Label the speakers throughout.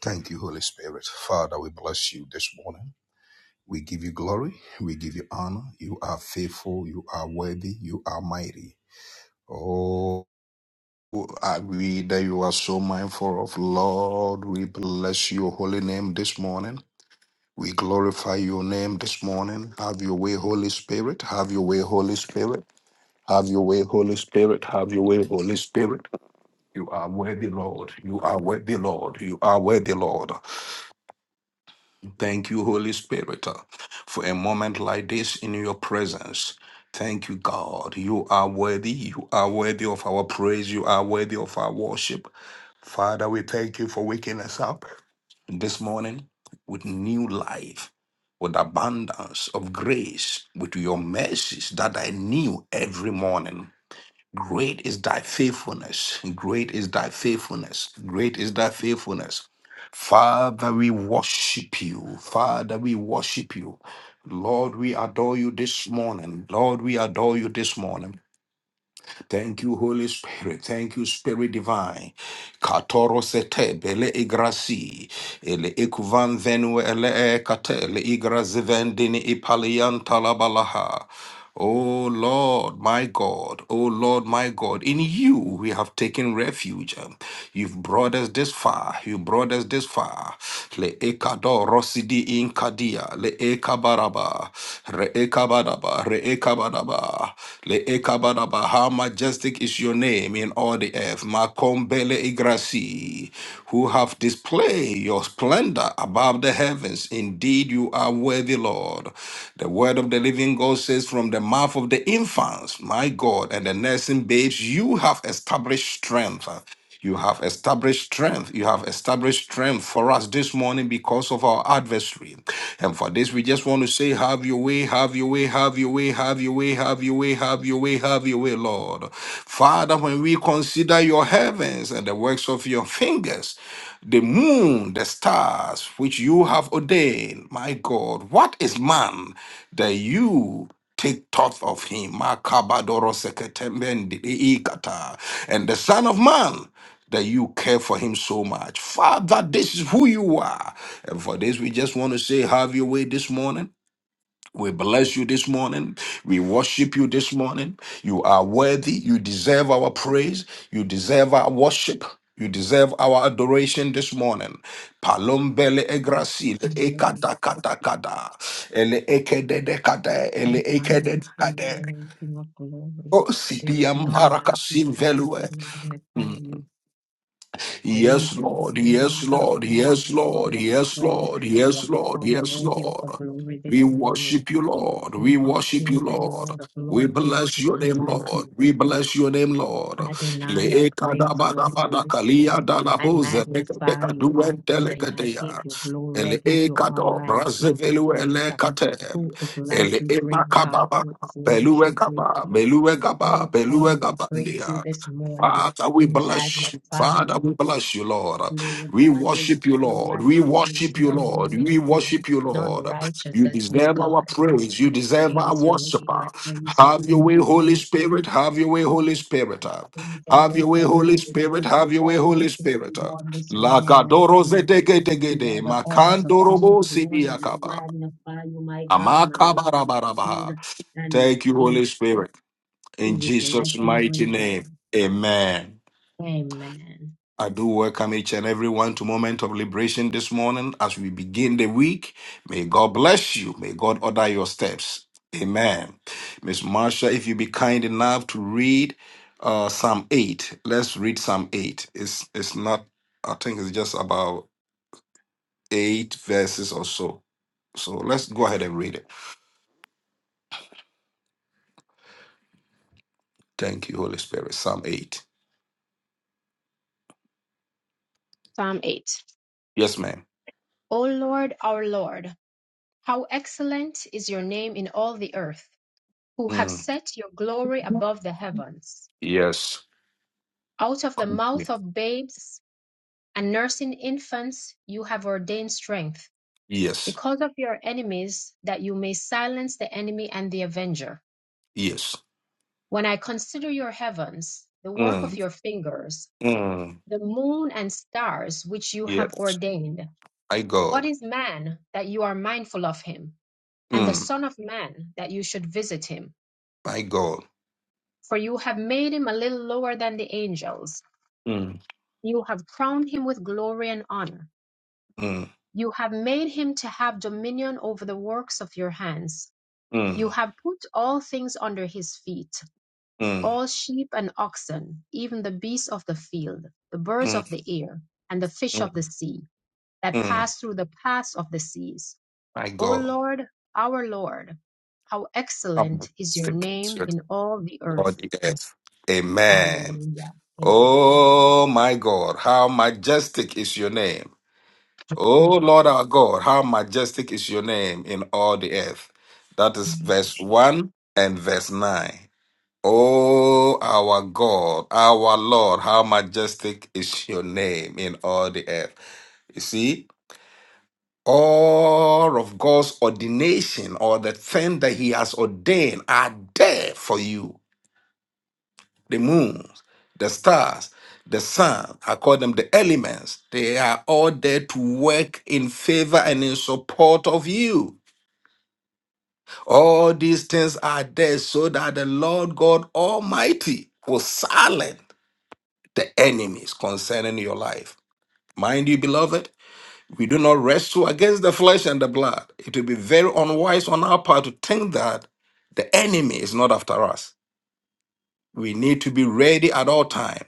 Speaker 1: Thank you, Holy Spirit. Father, we bless you this morning. We give you glory. We give you honor. You are faithful. You are worthy. You are mighty. Oh, I read that you are so mindful of Lord. We bless your holy name this morning. We glorify your name this morning. Have your way, Holy Spirit. Have your way, Holy Spirit. Have your way, Holy Spirit. Have your way, Holy Spirit. You are worthy, Lord. You are worthy, Lord. You are worthy, Lord. Thank you, Holy Spirit, uh, for a moment like this in your presence. Thank you, God. You are worthy. You are worthy of our praise. You are worthy of our worship. Father, we thank you for waking us up this morning with new life, with abundance of grace, with your mercies that I knew every morning. Great is thy faithfulness. Great is thy faithfulness. Great is thy faithfulness. Father, we worship you. Father, we worship you. Lord, we adore you this morning. Lord, we adore you this morning. Thank you, Holy Spirit. Thank you, Spirit Divine. Katoro sete bele igrasi. Ele ikuvan venue ele e kate. Ele igrazivendini ipalian talabalaha. O Lord, my God, O Lord, my God, in you we have taken refuge. You've brought us this far. You brought us this far. Le ekado rosidi in kadia. Le ekabaraba. Re ekabadaba. Re ekabadaba. Le ekabadaba. How majestic is your name in all the earth. Makombele igrasi. Who have displayed your splendor above the heavens. Indeed, you are worthy, Lord. The word of the living even God says, from the mouth of the infants, my God, and the nursing babes, you have established strength. You have established strength. You have established strength for us this morning because of our adversary. And for this, we just want to say, have your way, have your way, have your way, have your way, have your way, have your way, have your way, Lord. Father, when we consider your heavens and the works of your fingers, the moon, the stars, which you have ordained, my God, what is man? that you take thought of him. Makabadoro seketembendiikata. And the Son of Man, that you care for him so much. Father, this is who you are. And for this, we just want to say, have your way this morning. We bless you this morning. We worship you this morning. You are worthy. You deserve our praise. You deserve our worship. You deserve our adoration this morning. Palombele
Speaker 2: Lord.
Speaker 1: egrasi le
Speaker 2: Hallelujah.
Speaker 1: ekata kata kata ele ekede de kata ele
Speaker 2: Magnify
Speaker 1: ekede
Speaker 2: We
Speaker 1: de
Speaker 2: praise
Speaker 1: kata.
Speaker 2: your name, King of glory.
Speaker 1: O
Speaker 2: There is
Speaker 1: sidiam
Speaker 2: none like you,
Speaker 1: barakasim
Speaker 2: God.
Speaker 1: velue.
Speaker 2: We magnify you. Praise
Speaker 1: Yes,
Speaker 2: your holy
Speaker 1: Lord. Yes,
Speaker 2: name, God.
Speaker 1: Lord.
Speaker 2: You are
Speaker 1: Yes, Lord.
Speaker 2: worthy of the
Speaker 1: Yes,
Speaker 2: praise,
Speaker 1: Lord.
Speaker 2: worthy of
Speaker 1: Yes,
Speaker 2: the
Speaker 1: Lord.
Speaker 2: honor,
Speaker 1: Yes,
Speaker 2: worthy of
Speaker 1: Lord.
Speaker 2: the glory this
Speaker 1: We
Speaker 2: morning.
Speaker 1: worship you, Lord. We
Speaker 2: King of
Speaker 1: worship you,
Speaker 2: kings and
Speaker 1: Lord.
Speaker 2: Lord of
Speaker 1: We
Speaker 2: lords, there is
Speaker 1: bless your
Speaker 2: none
Speaker 1: name,
Speaker 2: like
Speaker 1: Lord.
Speaker 2: you.
Speaker 1: We bless your name, Lord.
Speaker 2: Adonai, I praise you, I bless you,
Speaker 1: Leekadabadabadakalia
Speaker 2: I
Speaker 1: dalaboze
Speaker 2: magnify you this morning. I give
Speaker 1: lekadekaduentelekedea.
Speaker 2: you glory, I give you honor,
Speaker 1: Eleekado
Speaker 2: and I give you praise.
Speaker 1: brazeveluelekate.
Speaker 2: Who is like you, great God?
Speaker 1: Eleemakababa
Speaker 2: Who is like you, great
Speaker 1: beluegaba
Speaker 2: King?
Speaker 1: beluegaba
Speaker 2: Oh, how we praise
Speaker 1: beluegabandia.
Speaker 2: you this morning.
Speaker 1: Father, we
Speaker 2: We
Speaker 1: bless you.
Speaker 2: magnify
Speaker 1: Father,
Speaker 2: you.
Speaker 1: we bless you, Lord.
Speaker 2: Lord
Speaker 1: We
Speaker 2: God, there is
Speaker 1: worship you,
Speaker 2: none
Speaker 1: Lord.
Speaker 2: like
Speaker 1: We
Speaker 2: you. There is
Speaker 1: worship you,
Speaker 2: none who
Speaker 1: Lord. We
Speaker 2: like you,
Speaker 1: worship you,
Speaker 2: none
Speaker 1: Lord.
Speaker 2: righteous
Speaker 1: You
Speaker 2: as you,
Speaker 1: deserve our
Speaker 2: God.
Speaker 1: praise. You
Speaker 2: I
Speaker 1: deserve our
Speaker 2: praise your
Speaker 1: worship.
Speaker 2: name. I praise your
Speaker 1: Have your way,
Speaker 2: name. We
Speaker 1: Holy
Speaker 2: magnify
Speaker 1: Spirit.
Speaker 2: you.
Speaker 1: Have your way, Holy Spirit.
Speaker 2: Praise the
Speaker 1: Have your
Speaker 2: Lord
Speaker 1: way,
Speaker 2: of the
Speaker 1: Holy
Speaker 2: Lords.
Speaker 1: Spirit.
Speaker 2: You are the
Speaker 1: Have your way,
Speaker 2: all
Speaker 1: Holy Spirit.
Speaker 2: sufficient one this morning, and I
Speaker 1: Lakadoro
Speaker 2: praise you. You
Speaker 1: zedegetegede,
Speaker 2: are the all
Speaker 1: makandorobo
Speaker 2: sufficient one, and I
Speaker 1: sibiakaba,
Speaker 2: magnify you, my God, my rock, my shield,
Speaker 1: amakabarabaraba.
Speaker 2: and my
Speaker 1: Thank you, Holy
Speaker 2: king,
Speaker 1: Spirit. In
Speaker 2: who is
Speaker 1: Jesus'
Speaker 2: like you,
Speaker 1: mighty
Speaker 2: great God.
Speaker 1: name, amen.
Speaker 2: Amen.
Speaker 1: I do welcome each and everyone to Moment of Liberation this morning as we begin the week. May God bless you. May God order your steps. Amen. Miss Marsha, if you be kind enough to read uh, Psalm 8, let's read Psalm 8. It's, it's not, I think it's just about eight verses or so. So let's go ahead and read it. Thank you, Holy Spirit. Psalm 8.
Speaker 2: Psalm 8.
Speaker 1: Yes, ma'am.
Speaker 2: O Lord, our Lord, how excellent is your name in all the earth, who have
Speaker 1: Mm.
Speaker 2: set your glory above the heavens.
Speaker 1: Yes.
Speaker 2: Out of the mouth of babes and nursing infants, you have ordained strength
Speaker 1: Yes.
Speaker 2: because of your enemies, that you may silence the enemy and the avenger.
Speaker 1: Yes.
Speaker 2: When I consider your heavens, the work of
Speaker 1: Mm.
Speaker 2: your fingers,
Speaker 1: Mm.
Speaker 2: the moon and stars which you have
Speaker 1: Yes.
Speaker 2: ordained,
Speaker 1: My
Speaker 2: what
Speaker 1: God.
Speaker 2: is man that you are mindful of him, and the
Speaker 1: Mm.
Speaker 2: Son of Man that you should visit him?
Speaker 1: My God.
Speaker 2: For you have made him a little lower than the angels,
Speaker 1: Mm.
Speaker 2: you have crowned him with glory and honor.
Speaker 1: Mm.
Speaker 2: You have made him to have dominion over the works of your hands.
Speaker 1: Mm.
Speaker 2: You have put all things under his feet
Speaker 1: Mm.
Speaker 2: all sheep and oxen, even the beasts of the field, the birds
Speaker 1: Mm.
Speaker 2: of the air, and the fish of the
Speaker 1: Mm.
Speaker 2: sea that
Speaker 1: Mm.
Speaker 2: pass through the paths of the seas.
Speaker 1: My
Speaker 2: O
Speaker 1: God.
Speaker 2: Lord, our Lord, how
Speaker 1: I'm
Speaker 2: excellent is your
Speaker 1: sticking
Speaker 2: name
Speaker 1: to
Speaker 2: in all the earth.
Speaker 1: God the earth. Amen.
Speaker 2: Hallelujah. Amen.
Speaker 1: Oh my God, how majestic is your name. Oh
Speaker 2: Lord,
Speaker 1: Lord our God, how majestic is your name in all the earth. That is
Speaker 2: thank you,
Speaker 1: verse
Speaker 2: Jesus.
Speaker 1: 1 and verse 9. Oh, our God, our Lord, how majestic is your name in all the earth. You see, all of God's ordination or the thing that He has ordained are there for you. The moons, the stars, the sun, I call them the elements, they are all there to work in favor and in support of you. All these things are there so that the Lord God Almighty will silence the enemies concerning your life. Mind you, beloved. We do not wrestle against the flesh and the blood. It will be very unwise on our part to think that the enemy is not after us. We need to be ready at all time,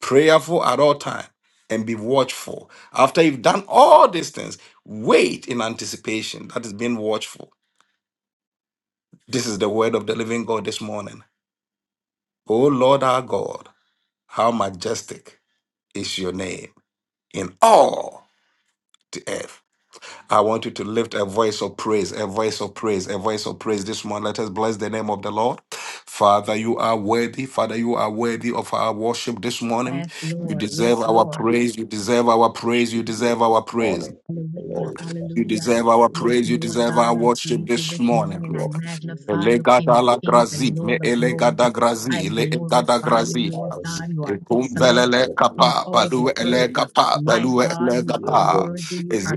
Speaker 1: prayerful at all time, and be watchful. After you've done all these things, wait in anticipation. That is being watchful. This is the word of the living God this morning. O Lord our God, how majestic is your name in all the earth. I want you to lift a voice of praise, a voice of praise, a voice of praise this morning. Let us bless the name of the Lord. Father, you are worthy. Father, you are worthy of our worship this morning.
Speaker 2: Yes,
Speaker 1: You
Speaker 2: Lord.
Speaker 1: deserve
Speaker 2: Yes,
Speaker 1: our
Speaker 2: Lord.
Speaker 1: praise. You deserve our praise. You
Speaker 3: Good
Speaker 1: deserve our praise.
Speaker 3: morning, with the
Speaker 4: And
Speaker 2: Hallelujah,
Speaker 4: I
Speaker 3: Lord.
Speaker 4: bless
Speaker 1: You
Speaker 4: you and
Speaker 2: hallelujah.
Speaker 4: give
Speaker 3: Lift
Speaker 1: deserve
Speaker 4: you
Speaker 1: our
Speaker 4: praise
Speaker 2: Yes,
Speaker 4: and
Speaker 1: praise.
Speaker 4: give
Speaker 1: You
Speaker 4: you all
Speaker 2: Lord
Speaker 4: the
Speaker 1: deserve our
Speaker 2: God, I
Speaker 4: glory.
Speaker 1: worship
Speaker 2: praise
Speaker 4: Thank
Speaker 2: you
Speaker 4: you,
Speaker 1: this
Speaker 2: this
Speaker 1: morning.
Speaker 4: Jesus.
Speaker 2: morning.
Speaker 3: you
Speaker 2: I
Speaker 3: up,
Speaker 4: Lord,
Speaker 2: magnify you, King
Speaker 1: Elegada
Speaker 2: of
Speaker 1: la
Speaker 3: lift
Speaker 2: kings
Speaker 4: unto
Speaker 1: grazi,
Speaker 2: and
Speaker 4: you
Speaker 1: me
Speaker 2: Lord
Speaker 4: alone
Speaker 2: of
Speaker 4: is the
Speaker 2: lords.
Speaker 1: elegada
Speaker 4: mighty
Speaker 2: I
Speaker 1: grazi, le
Speaker 4: Lord,
Speaker 1: egada
Speaker 4: and I
Speaker 2: glorify
Speaker 3: you
Speaker 2: you,
Speaker 4: give
Speaker 1: grazi.
Speaker 4: you
Speaker 3: out
Speaker 2: Lord
Speaker 3: of
Speaker 4: praise.
Speaker 3: you,
Speaker 2: God. You
Speaker 1: E
Speaker 2: are
Speaker 1: bum
Speaker 3: lift
Speaker 4: Unto
Speaker 2: excellent
Speaker 4: you
Speaker 1: belele
Speaker 3: you up in
Speaker 2: in
Speaker 4: alone
Speaker 1: kapa,
Speaker 4: is
Speaker 2: all
Speaker 4: the
Speaker 2: the
Speaker 1: balu
Speaker 3: front
Speaker 2: earth.
Speaker 1: ele
Speaker 3: of
Speaker 1: kapa,
Speaker 4: glory.
Speaker 2: My
Speaker 4: I
Speaker 1: balu
Speaker 4: give
Speaker 2: God,
Speaker 4: you
Speaker 1: ele
Speaker 2: you
Speaker 4: all the
Speaker 2: are
Speaker 3: your word.
Speaker 1: kapa.
Speaker 2: worthy. You
Speaker 1: Is
Speaker 2: are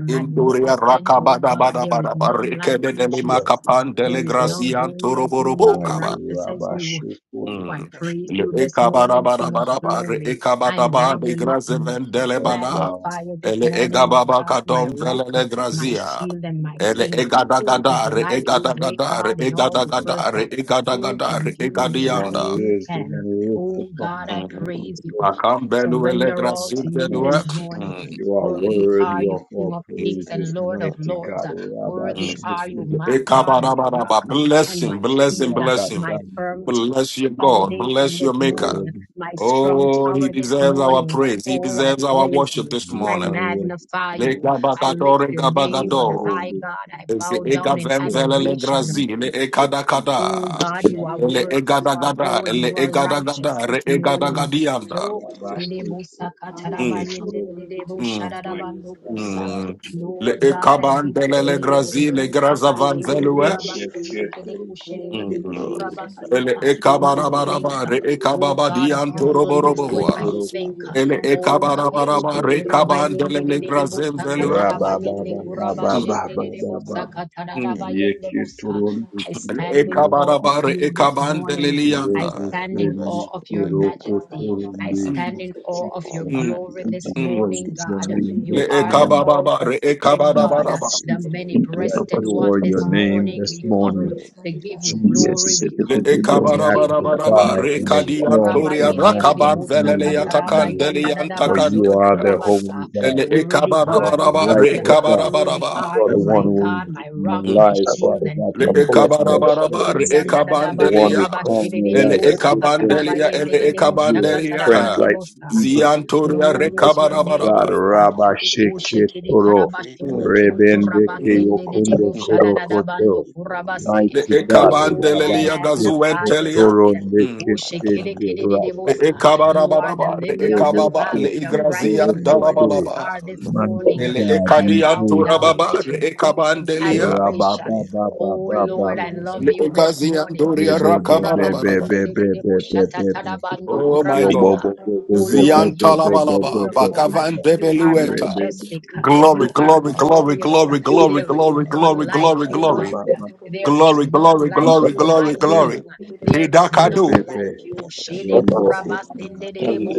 Speaker 4: thanks
Speaker 1: indoria
Speaker 3: and
Speaker 2: magnificent,
Speaker 3: we
Speaker 2: oh
Speaker 1: rakabada
Speaker 2: God.
Speaker 1: bada
Speaker 2: There is
Speaker 1: bada
Speaker 2: none
Speaker 4: Your
Speaker 1: barike
Speaker 2: like
Speaker 4: holy
Speaker 1: de
Speaker 2: you,
Speaker 4: will be
Speaker 1: dele
Speaker 3: Bless
Speaker 2: Jesus.
Speaker 1: makapan
Speaker 4: magnified
Speaker 1: dele
Speaker 2: There
Speaker 4: with
Speaker 2: is
Speaker 3: the
Speaker 2: none
Speaker 1: grazi
Speaker 4: glorified.
Speaker 2: holy
Speaker 1: antoro
Speaker 4: Thank
Speaker 2: as you,
Speaker 4: you,
Speaker 2: none
Speaker 1: borobo
Speaker 3: Almighty
Speaker 4: Jesus.
Speaker 2: righteous
Speaker 4: Thank
Speaker 2: as
Speaker 4: you,
Speaker 3: Rabbi
Speaker 2: you.
Speaker 4: Lord.
Speaker 2: Oh,
Speaker 3: Shukuri.
Speaker 2: I
Speaker 1: Mm.
Speaker 4: Thank
Speaker 2: praise
Speaker 4: you,
Speaker 1: Le
Speaker 4: for
Speaker 2: you
Speaker 4: your
Speaker 2: this
Speaker 4: prayer. I
Speaker 2: morning, King of
Speaker 4: bless
Speaker 1: ekabarabarabara,
Speaker 4: you. I
Speaker 1: re
Speaker 2: glory.
Speaker 4: bless
Speaker 2: I
Speaker 4: you. I
Speaker 1: ekabadaba, le
Speaker 3: Good
Speaker 2: magnify
Speaker 1: graze
Speaker 4: bless you. I bless you. I
Speaker 3: Lord
Speaker 4: bless
Speaker 1: vendelebana,
Speaker 4: you.
Speaker 3: God,
Speaker 2: Magnify you this
Speaker 1: ele
Speaker 4: I
Speaker 3: the
Speaker 2: morning, my
Speaker 1: egababa
Speaker 4: worship
Speaker 2: God,
Speaker 4: you.
Speaker 2: my
Speaker 1: kadom
Speaker 4: I
Speaker 2: rock,
Speaker 4: give you
Speaker 2: uh,
Speaker 1: velele
Speaker 4: all the
Speaker 2: my
Speaker 4: honor. I
Speaker 1: grazia,
Speaker 2: shield,
Speaker 4: give
Speaker 2: and
Speaker 3: we
Speaker 2: my
Speaker 4: you all
Speaker 3: thank
Speaker 1: ele
Speaker 4: the
Speaker 2: king. uh,
Speaker 4: glory.
Speaker 2: Who
Speaker 3: you
Speaker 2: is
Speaker 1: egadagada, re
Speaker 2: like
Speaker 4: Praise
Speaker 2: you, great
Speaker 1: egadagada, re
Speaker 2: God, in all the earth?
Speaker 1: egadagada, re
Speaker 2: uh,
Speaker 4: and
Speaker 2: Who
Speaker 1: egadagada,
Speaker 2: can
Speaker 1: re
Speaker 2: do me
Speaker 3: one
Speaker 2: like
Speaker 3: who
Speaker 1: egadianda.
Speaker 4: glorify
Speaker 2: you
Speaker 3: is, the
Speaker 2: can? uh,
Speaker 3: one
Speaker 4: and
Speaker 3: who is to
Speaker 2: Oh God,
Speaker 3: come.
Speaker 4: magnify,
Speaker 2: I
Speaker 4: be
Speaker 1: Mm.
Speaker 3: We
Speaker 2: praise you.
Speaker 3: glory
Speaker 4: glorified
Speaker 2: I
Speaker 1: Makam
Speaker 4: unto you, O
Speaker 3: in the
Speaker 1: beluele
Speaker 4: Lord,
Speaker 2: surrender
Speaker 4: O
Speaker 2: all
Speaker 1: grazi
Speaker 2: to
Speaker 4: God.
Speaker 2: you
Speaker 1: velue.
Speaker 2: this
Speaker 3: morning.
Speaker 4: I
Speaker 2: morning.
Speaker 1: Mm.
Speaker 4: thank
Speaker 3: You
Speaker 4: you,
Speaker 3: are
Speaker 4: I
Speaker 2: Worthy
Speaker 4: bless
Speaker 2: are
Speaker 4: you,
Speaker 3: worthy
Speaker 1: Mm.
Speaker 3: of
Speaker 4: I
Speaker 2: you,
Speaker 4: give
Speaker 3: our
Speaker 4: you
Speaker 2: King of
Speaker 1: Mm.
Speaker 4: praise,
Speaker 2: kings
Speaker 4: I
Speaker 3: praises,
Speaker 2: and
Speaker 4: give you
Speaker 2: Lord of
Speaker 4: all
Speaker 3: mighty
Speaker 4: and
Speaker 2: lords.
Speaker 3: God.
Speaker 4: honor.
Speaker 2: uh,
Speaker 3: Rabbi
Speaker 2: Worthy
Speaker 4: I
Speaker 1: Mm.
Speaker 4: say,
Speaker 2: are
Speaker 4: praise
Speaker 2: you,
Speaker 3: Shukri,
Speaker 4: the
Speaker 1: Le
Speaker 4: Lord,
Speaker 2: my
Speaker 4: I be
Speaker 2: God,
Speaker 4: unto you,
Speaker 2: my
Speaker 4: O Lord,
Speaker 2: rock.
Speaker 4: and
Speaker 1: ekabarabaraba,
Speaker 4: be
Speaker 2: uh,
Speaker 1: Bless
Speaker 2: and
Speaker 4: magnified.
Speaker 1: him,
Speaker 2: my
Speaker 1: bless him,
Speaker 2: shield, uh,
Speaker 1: bless
Speaker 4: This
Speaker 3: Akatan,
Speaker 1: him.
Speaker 4: is
Speaker 2: my
Speaker 4: thank you,
Speaker 2: firm
Speaker 4: Lord.
Speaker 1: Bless your
Speaker 4: Thank
Speaker 1: God,
Speaker 4: you,
Speaker 2: foundation
Speaker 1: bless
Speaker 4: King of
Speaker 2: this
Speaker 1: your
Speaker 4: Kings,
Speaker 1: maker.
Speaker 2: morning,
Speaker 3: Rabbi
Speaker 4: thank you,
Speaker 2: my
Speaker 4: Lord. I
Speaker 2: strong
Speaker 4: bless
Speaker 1: Oh,
Speaker 4: you,
Speaker 1: he
Speaker 2: tower
Speaker 4: I
Speaker 2: this
Speaker 4: bless
Speaker 1: deserves
Speaker 4: you,
Speaker 1: our
Speaker 4: I
Speaker 2: morning.
Speaker 1: praise.
Speaker 4: bless
Speaker 1: He
Speaker 4: you,
Speaker 2: Oh,
Speaker 4: I
Speaker 2: I
Speaker 1: deserves
Speaker 4: bless
Speaker 1: our
Speaker 4: you,
Speaker 2: praise
Speaker 4: I
Speaker 1: worship
Speaker 2: you.
Speaker 4: bless
Speaker 1: this
Speaker 4: you,
Speaker 2: I
Speaker 4: I
Speaker 1: morning.
Speaker 4: bless you.
Speaker 2: magnify
Speaker 1: Le
Speaker 2: you.
Speaker 4: I
Speaker 2: I
Speaker 4: say,
Speaker 1: gabagado,
Speaker 2: lift
Speaker 1: re
Speaker 4: Lord,
Speaker 2: your
Speaker 4: yeah,
Speaker 2: name
Speaker 3: The
Speaker 2: on
Speaker 4: thou
Speaker 1: gabagado.
Speaker 3: Quran,
Speaker 2: high,
Speaker 4: thank
Speaker 3: the
Speaker 2: God.
Speaker 4: you,
Speaker 2: I
Speaker 1: Eze
Speaker 2: bow
Speaker 3: Quran,
Speaker 2: down
Speaker 1: ega
Speaker 3: the
Speaker 4: thank
Speaker 2: in
Speaker 4: you,
Speaker 3: Quran,
Speaker 1: vemvele
Speaker 4: Lord.
Speaker 1: le
Speaker 2: adoration.
Speaker 1: grazi,
Speaker 4: I
Speaker 1: le
Speaker 3: the
Speaker 4: bless you,
Speaker 1: ekada
Speaker 4: I bless you, I
Speaker 2: Oh
Speaker 4: bless you.
Speaker 1: kada.
Speaker 4: I
Speaker 3: Quran,
Speaker 2: God,
Speaker 3: the
Speaker 4: bless you.
Speaker 2: you
Speaker 5: Thank
Speaker 3: Quran,
Speaker 2: are
Speaker 1: Ele
Speaker 5: you,
Speaker 2: worthy, you
Speaker 1: egada
Speaker 2: are
Speaker 1: gada,
Speaker 2: holy,
Speaker 1: ele
Speaker 2: you are
Speaker 1: egada
Speaker 2: righteous
Speaker 1: gada,
Speaker 4: Thank
Speaker 1: re
Speaker 2: this
Speaker 4: you, O
Speaker 5: Jesus.
Speaker 1: egada
Speaker 4: Lord,
Speaker 2: morning.
Speaker 4: King of
Speaker 1: gadianda.
Speaker 4: Kings.
Speaker 2: Oh,
Speaker 4: You
Speaker 3: Rabbi
Speaker 4: deserve
Speaker 5: Hallelujah.
Speaker 4: all of
Speaker 2: Edebo
Speaker 3: Shukri,
Speaker 4: glory.
Speaker 2: Saka
Speaker 4: You
Speaker 3: the
Speaker 5: Father,
Speaker 4: deserve
Speaker 5: you
Speaker 1: Mm,
Speaker 4: all
Speaker 5: are
Speaker 4: the
Speaker 2: Tarabayende
Speaker 3: Quran,
Speaker 5: worthy
Speaker 2: Dedebo
Speaker 5: to be
Speaker 1: mm,
Speaker 3: my
Speaker 5: praised,
Speaker 2: Shadadabando
Speaker 5: mighty
Speaker 4: praise
Speaker 3: God,
Speaker 2: Kusa.
Speaker 5: God.
Speaker 4: and
Speaker 3: Rabbi
Speaker 1: mm.
Speaker 4: honor.
Speaker 5: I
Speaker 4: belongs
Speaker 1: Le
Speaker 4: to
Speaker 3: Shukri,
Speaker 2: Lord
Speaker 4: You
Speaker 5: magnify
Speaker 4: only
Speaker 5: you.
Speaker 2: God, I
Speaker 4: you be
Speaker 2: give you
Speaker 1: ekabandele le
Speaker 5: Lord, I
Speaker 2: glory.
Speaker 1: grazi,
Speaker 4: magnified.
Speaker 1: le
Speaker 5: exalt your
Speaker 2: Aha,
Speaker 5: holy
Speaker 1: grazavan
Speaker 4: Be
Speaker 2: Shedu
Speaker 5: name.
Speaker 3: Rabbi
Speaker 1: velue.
Speaker 3: Shukri,
Speaker 2: Kurabakende
Speaker 3: the
Speaker 5: Hallelujah.
Speaker 4: glorified.
Speaker 2: Kede
Speaker 3: Quran,
Speaker 2: Kushede
Speaker 5: Thank
Speaker 4: Be
Speaker 5: you,
Speaker 2: Dedede
Speaker 5: Jesus.
Speaker 4: glorified.
Speaker 5: You
Speaker 2: Kurabakasa.
Speaker 1: Ele
Speaker 5: are
Speaker 2: When
Speaker 4: Be
Speaker 5: worthy to be
Speaker 2: I think,
Speaker 1: ekabarabaraba re
Speaker 4: glorified.
Speaker 5: praised.
Speaker 2: oh God,
Speaker 1: ekababadi
Speaker 2: of
Speaker 4: I
Speaker 2: your
Speaker 4: bless you.
Speaker 3: the
Speaker 2: goodness,
Speaker 4: I
Speaker 5: Hallelujah.
Speaker 2: when
Speaker 4: bless
Speaker 2: I
Speaker 1: antoroboroboa.
Speaker 3: Quran,
Speaker 4: you. I
Speaker 2: think,
Speaker 5: Hallelujah.
Speaker 4: bless
Speaker 1: Ele
Speaker 4: you. I
Speaker 5: Hallelujah.
Speaker 2: oh God,
Speaker 4: bless
Speaker 3: the
Speaker 2: eh,
Speaker 4: you.
Speaker 1: ekabarabaraba
Speaker 3: Quran,
Speaker 5: The
Speaker 1: re
Speaker 5: biggest
Speaker 1: kabandele
Speaker 2: Kurabayende
Speaker 5: brothers as I
Speaker 2: Dedebo
Speaker 5: am
Speaker 1: negrazem
Speaker 2: Saka
Speaker 4: I
Speaker 5: the
Speaker 4: give
Speaker 1: velua.
Speaker 4: you
Speaker 5: most
Speaker 4: all the
Speaker 2: Tarabayende
Speaker 4: glory.
Speaker 5: security.
Speaker 4: I give you
Speaker 1: Mm,
Speaker 4: all the
Speaker 2: Kurabashende
Speaker 4: praise.
Speaker 2: Dedebo
Speaker 3: Rabababababababababa.
Speaker 2: Saka
Speaker 1: mm.
Speaker 4: Thank you,
Speaker 2: Tarabayende
Speaker 4: Jesus.
Speaker 2: Busa.
Speaker 4: Thank
Speaker 3: Yeketurundu
Speaker 4: you,
Speaker 2: I
Speaker 4: King of
Speaker 1: Ele
Speaker 2: stand
Speaker 4: Kings.
Speaker 2: in
Speaker 3: sikuru
Speaker 2: awe of
Speaker 1: ekabaraba re
Speaker 4: Thank
Speaker 2: you
Speaker 4: you,
Speaker 2: this
Speaker 4: Father.
Speaker 1: ekabandele
Speaker 2: morning. I
Speaker 1: lianda.
Speaker 3: sikurebe
Speaker 4: Father,
Speaker 2: stand
Speaker 4: I
Speaker 2: in
Speaker 5: Rabba
Speaker 3: sendi
Speaker 2: awe
Speaker 4: bless
Speaker 2: of
Speaker 4: your
Speaker 2: your
Speaker 4: holy name. I
Speaker 3: kiroko
Speaker 4: give you
Speaker 2: majesty.
Speaker 5: Baba
Speaker 4: all the
Speaker 2: I
Speaker 3: turundu.
Speaker 4: honor.
Speaker 2: stand
Speaker 1: Mm,
Speaker 2: in awe of your
Speaker 4: All
Speaker 3: Jesus,
Speaker 1: mm,
Speaker 4: honor be
Speaker 2: glory
Speaker 4: unto
Speaker 3: we
Speaker 2: this
Speaker 4: your
Speaker 1: mm.
Speaker 4: holy
Speaker 2: morning,
Speaker 4: name.
Speaker 3: praise
Speaker 4: Be
Speaker 3: your
Speaker 2: God. You
Speaker 3: name
Speaker 1: Le
Speaker 5: Baba
Speaker 3: this
Speaker 4: magnified. Be
Speaker 2: are the
Speaker 4: glorified.
Speaker 3: morning.
Speaker 2: all
Speaker 1: ekabababa re
Speaker 2: sufficient God,
Speaker 4: Thank
Speaker 1: ekabarabaraba.
Speaker 3: Jesus,
Speaker 2: the
Speaker 4: you, thank
Speaker 2: many
Speaker 5: Baba
Speaker 3: we
Speaker 4: you,
Speaker 2: breasted
Speaker 4: Lord,
Speaker 3: adore
Speaker 2: one
Speaker 4: thank
Speaker 3: your
Speaker 2: this
Speaker 4: you,
Speaker 3: name
Speaker 2: morning.
Speaker 3: this
Speaker 2: We
Speaker 4: Lord,
Speaker 2: come
Speaker 3: morning.
Speaker 4: thank
Speaker 2: to
Speaker 4: you.
Speaker 2: give you glory.
Speaker 4: I
Speaker 3: Jesus,
Speaker 2: We
Speaker 4: bless
Speaker 1: Le
Speaker 2: come
Speaker 4: you,
Speaker 3: we
Speaker 4: I
Speaker 2: to
Speaker 4: bless
Speaker 2: give
Speaker 4: you,
Speaker 2: you
Speaker 4: I
Speaker 1: ekabarabaraba
Speaker 4: bless
Speaker 3: magnify
Speaker 2: praise.
Speaker 1: re
Speaker 4: you, I
Speaker 3: and
Speaker 1: kadi
Speaker 4: bless you.
Speaker 3: exalt
Speaker 1: antoria
Speaker 3: your
Speaker 4: I give
Speaker 1: rakaban
Speaker 3: matchless
Speaker 4: you all
Speaker 1: velele
Speaker 3: name this
Speaker 4: honor, I
Speaker 3: morning.
Speaker 4: give
Speaker 1: yatakandele
Speaker 4: you all
Speaker 3: For
Speaker 4: the
Speaker 3: you
Speaker 4: praise,
Speaker 3: are the
Speaker 1: yantakandelia.
Speaker 3: holy
Speaker 4: this
Speaker 3: God.
Speaker 1: Ele
Speaker 4: man of your
Speaker 2: Worthy
Speaker 3: You are
Speaker 2: are
Speaker 4: children,
Speaker 3: the
Speaker 2: you,
Speaker 1: ekabarabaraba
Speaker 4: in
Speaker 1: re
Speaker 4: your
Speaker 2: God.
Speaker 3: righteous God.
Speaker 2: Worthy
Speaker 1: ekabarabaraba.
Speaker 2: are
Speaker 3: You're the
Speaker 2: you,
Speaker 4: praise, I
Speaker 3: one
Speaker 2: my
Speaker 3: who will
Speaker 4: love
Speaker 2: God,
Speaker 4: you.
Speaker 2: my
Speaker 3: redeem
Speaker 2: rock,
Speaker 3: my
Speaker 2: my
Speaker 3: lives,
Speaker 2: shield
Speaker 3: Father
Speaker 2: and
Speaker 3: God,
Speaker 1: Le
Speaker 2: king.
Speaker 3: from
Speaker 4: I
Speaker 3: death and
Speaker 4: thank
Speaker 2: O
Speaker 4: you, I
Speaker 1: ekabarabaraba,
Speaker 3: destruction.
Speaker 2: shekiri
Speaker 1: re
Speaker 4: bless
Speaker 2: yanda da
Speaker 4: you, I
Speaker 2: da
Speaker 3: You're the
Speaker 2: ba
Speaker 3: one
Speaker 4: worship
Speaker 1: ekabandelia,
Speaker 3: who
Speaker 2: kuraba
Speaker 3: crown
Speaker 2: shede
Speaker 3: my
Speaker 2: de de
Speaker 4: you. I
Speaker 1: ele
Speaker 3: life
Speaker 2: bo
Speaker 3: with
Speaker 4: say,
Speaker 3: good
Speaker 4: Lord, you
Speaker 2: sakatara
Speaker 3: things.
Speaker 2: ba
Speaker 4: Lord,
Speaker 1: ekabandelia,
Speaker 4: you
Speaker 2: yende de
Speaker 1: ele
Speaker 2: de bo
Speaker 3: You
Speaker 4: hallelujah.
Speaker 3: are
Speaker 1: ekabandelia,
Speaker 2: shakatara
Speaker 3: strength
Speaker 1: ha.
Speaker 2: bande
Speaker 3: like
Speaker 2: bo
Speaker 4: Unto you
Speaker 2: sa.
Speaker 3: the eagle.
Speaker 4: alone, yes,
Speaker 1: ziantoria
Speaker 4: Lord,
Speaker 2: Glory
Speaker 4: you
Speaker 2: to your
Speaker 3: Mighty
Speaker 4: deserve the
Speaker 2: name,
Speaker 3: God,
Speaker 1: rekabarabaraba.
Speaker 2: great
Speaker 4: glory, you
Speaker 3: Rabba
Speaker 2: God.
Speaker 4: deserve the
Speaker 3: Sheke
Speaker 4: honor.
Speaker 2: Ushikiri
Speaker 3: Toro,
Speaker 4: Praise and
Speaker 1: Mm,
Speaker 2: karabashundo
Speaker 4: honor
Speaker 2: kiri
Speaker 4: be unto you,
Speaker 3: Rebende
Speaker 4: Holy
Speaker 1: mm,
Speaker 4: Name,
Speaker 2: kurabasende
Speaker 4: be
Speaker 2: de
Speaker 4: magnified,
Speaker 2: debo
Speaker 3: Yokundo
Speaker 1: mm.
Speaker 3: Koro
Speaker 2: shadadadabando
Speaker 3: Koto.
Speaker 4: be glorified,
Speaker 2: kurabase.
Speaker 1: Le
Speaker 3: Mighty
Speaker 4: be
Speaker 3: God,
Speaker 2: Oh,
Speaker 4: magnified,
Speaker 2: I
Speaker 4: be
Speaker 3: Rabba
Speaker 1: ekabandelia
Speaker 4: glorified.
Speaker 2: magnify
Speaker 3: Sheke
Speaker 2: you,
Speaker 1: gazuentelia.
Speaker 3: Toro,
Speaker 2: God.
Speaker 4: Kebele
Speaker 1: Mm,
Speaker 3: Nekete
Speaker 2: Ushikiri
Speaker 1: mm.
Speaker 2: kiri de debo
Speaker 1: Le
Speaker 3: Rapa.
Speaker 2: sa. You are the
Speaker 1: ekabarabaraba, re
Speaker 2: lily of the
Speaker 3: Rebe
Speaker 1: ekababa, le
Speaker 2: valley, the
Speaker 3: Sheke
Speaker 2: bright
Speaker 3: Toro
Speaker 1: igrazian
Speaker 2: and morning
Speaker 3: Kote.
Speaker 1: dalabalaba.
Speaker 2: star this
Speaker 3: Mighty
Speaker 2: morning.
Speaker 1: Ele
Speaker 3: God,
Speaker 2: I
Speaker 3: we
Speaker 2: bow
Speaker 3: praise you.
Speaker 2: down
Speaker 1: ekadiantorababa,
Speaker 2: at
Speaker 1: re
Speaker 2: your feet in
Speaker 3: There is no
Speaker 1: ekabandelia.
Speaker 2: adoration. Oh Lord, I love
Speaker 1: Le
Speaker 2: you this morning. Ishi
Speaker 1: ekaziantoria
Speaker 2: kurabasende de de debo shatatarabando
Speaker 1: Oh my
Speaker 2: kurabasa.
Speaker 1: God.
Speaker 2: Oh Lord,
Speaker 1: Zian
Speaker 2: you are
Speaker 1: Talabalaba
Speaker 2: beautiful. uh,
Speaker 1: Bakavan
Speaker 2: You are
Speaker 1: Debelueta.
Speaker 2: majestic. uh,
Speaker 1: Glory,
Speaker 2: You
Speaker 5: Jesus,
Speaker 2: are
Speaker 1: glory, glory,
Speaker 2: glorious. uh,
Speaker 1: glory, glory,
Speaker 2: There is
Speaker 1: glory,
Speaker 2: none
Speaker 1: glory,
Speaker 2: like
Speaker 1: glory,
Speaker 2: you, God.
Speaker 1: glory.
Speaker 2: uh, There is
Speaker 1: Glory,
Speaker 2: none
Speaker 1: glory,
Speaker 2: like
Speaker 1: glory,
Speaker 2: you, my
Speaker 1: glory,
Speaker 2: King.
Speaker 1: glory.
Speaker 2: uh, There is none
Speaker 1: Hidakadu.
Speaker 2: like you. Shede
Speaker 5: I
Speaker 2: kurabasende de debo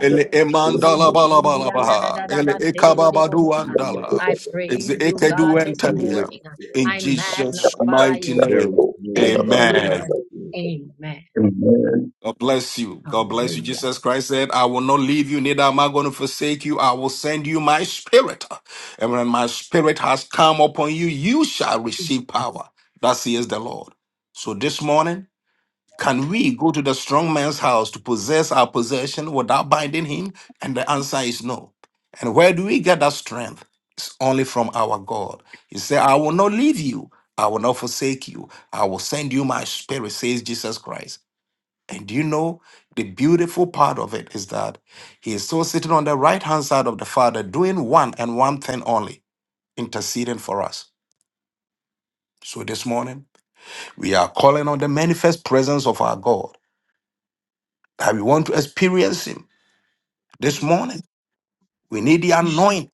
Speaker 1: Ele emandala
Speaker 4: Father, I
Speaker 1: balabalabaha. Ele
Speaker 4: thank
Speaker 1: ekababadu andala.
Speaker 2: I
Speaker 1: Is
Speaker 2: praise you, God,
Speaker 1: ekedu
Speaker 2: this
Speaker 1: entelia.
Speaker 2: morning. uh,
Speaker 1: In
Speaker 2: I
Speaker 1: Jesus'
Speaker 2: magnify
Speaker 1: mighty
Speaker 2: you.
Speaker 4: you.
Speaker 1: name.
Speaker 2: Thank you,
Speaker 3: God
Speaker 4: Amen.
Speaker 3: like
Speaker 1: Amen.
Speaker 2: Lord.
Speaker 3: you.
Speaker 2: Amen.
Speaker 1: God bless you. God bless you.
Speaker 2: Hallelujah.
Speaker 1: Jesus Christ said, I will not leave you, neither am I going to forsake you. I will send you my spirit. And when my spirit has come upon you, you shall receive power. That says the Lord. So this morning, can we go to the strong man's house to possess our possession without binding him? And the answer is no. And where do we get that strength? It's only from our God. He said, I will not leave you. I will not forsake you. I will send you my spirit, says Jesus Christ. And do you know the beautiful part of it is that he is still sitting on the right hand side of the Father, doing one and one thing only, interceding for us. So this morning, we are calling on the manifest presence of our God that we want to experience him. This morning, we need the Mm. anointing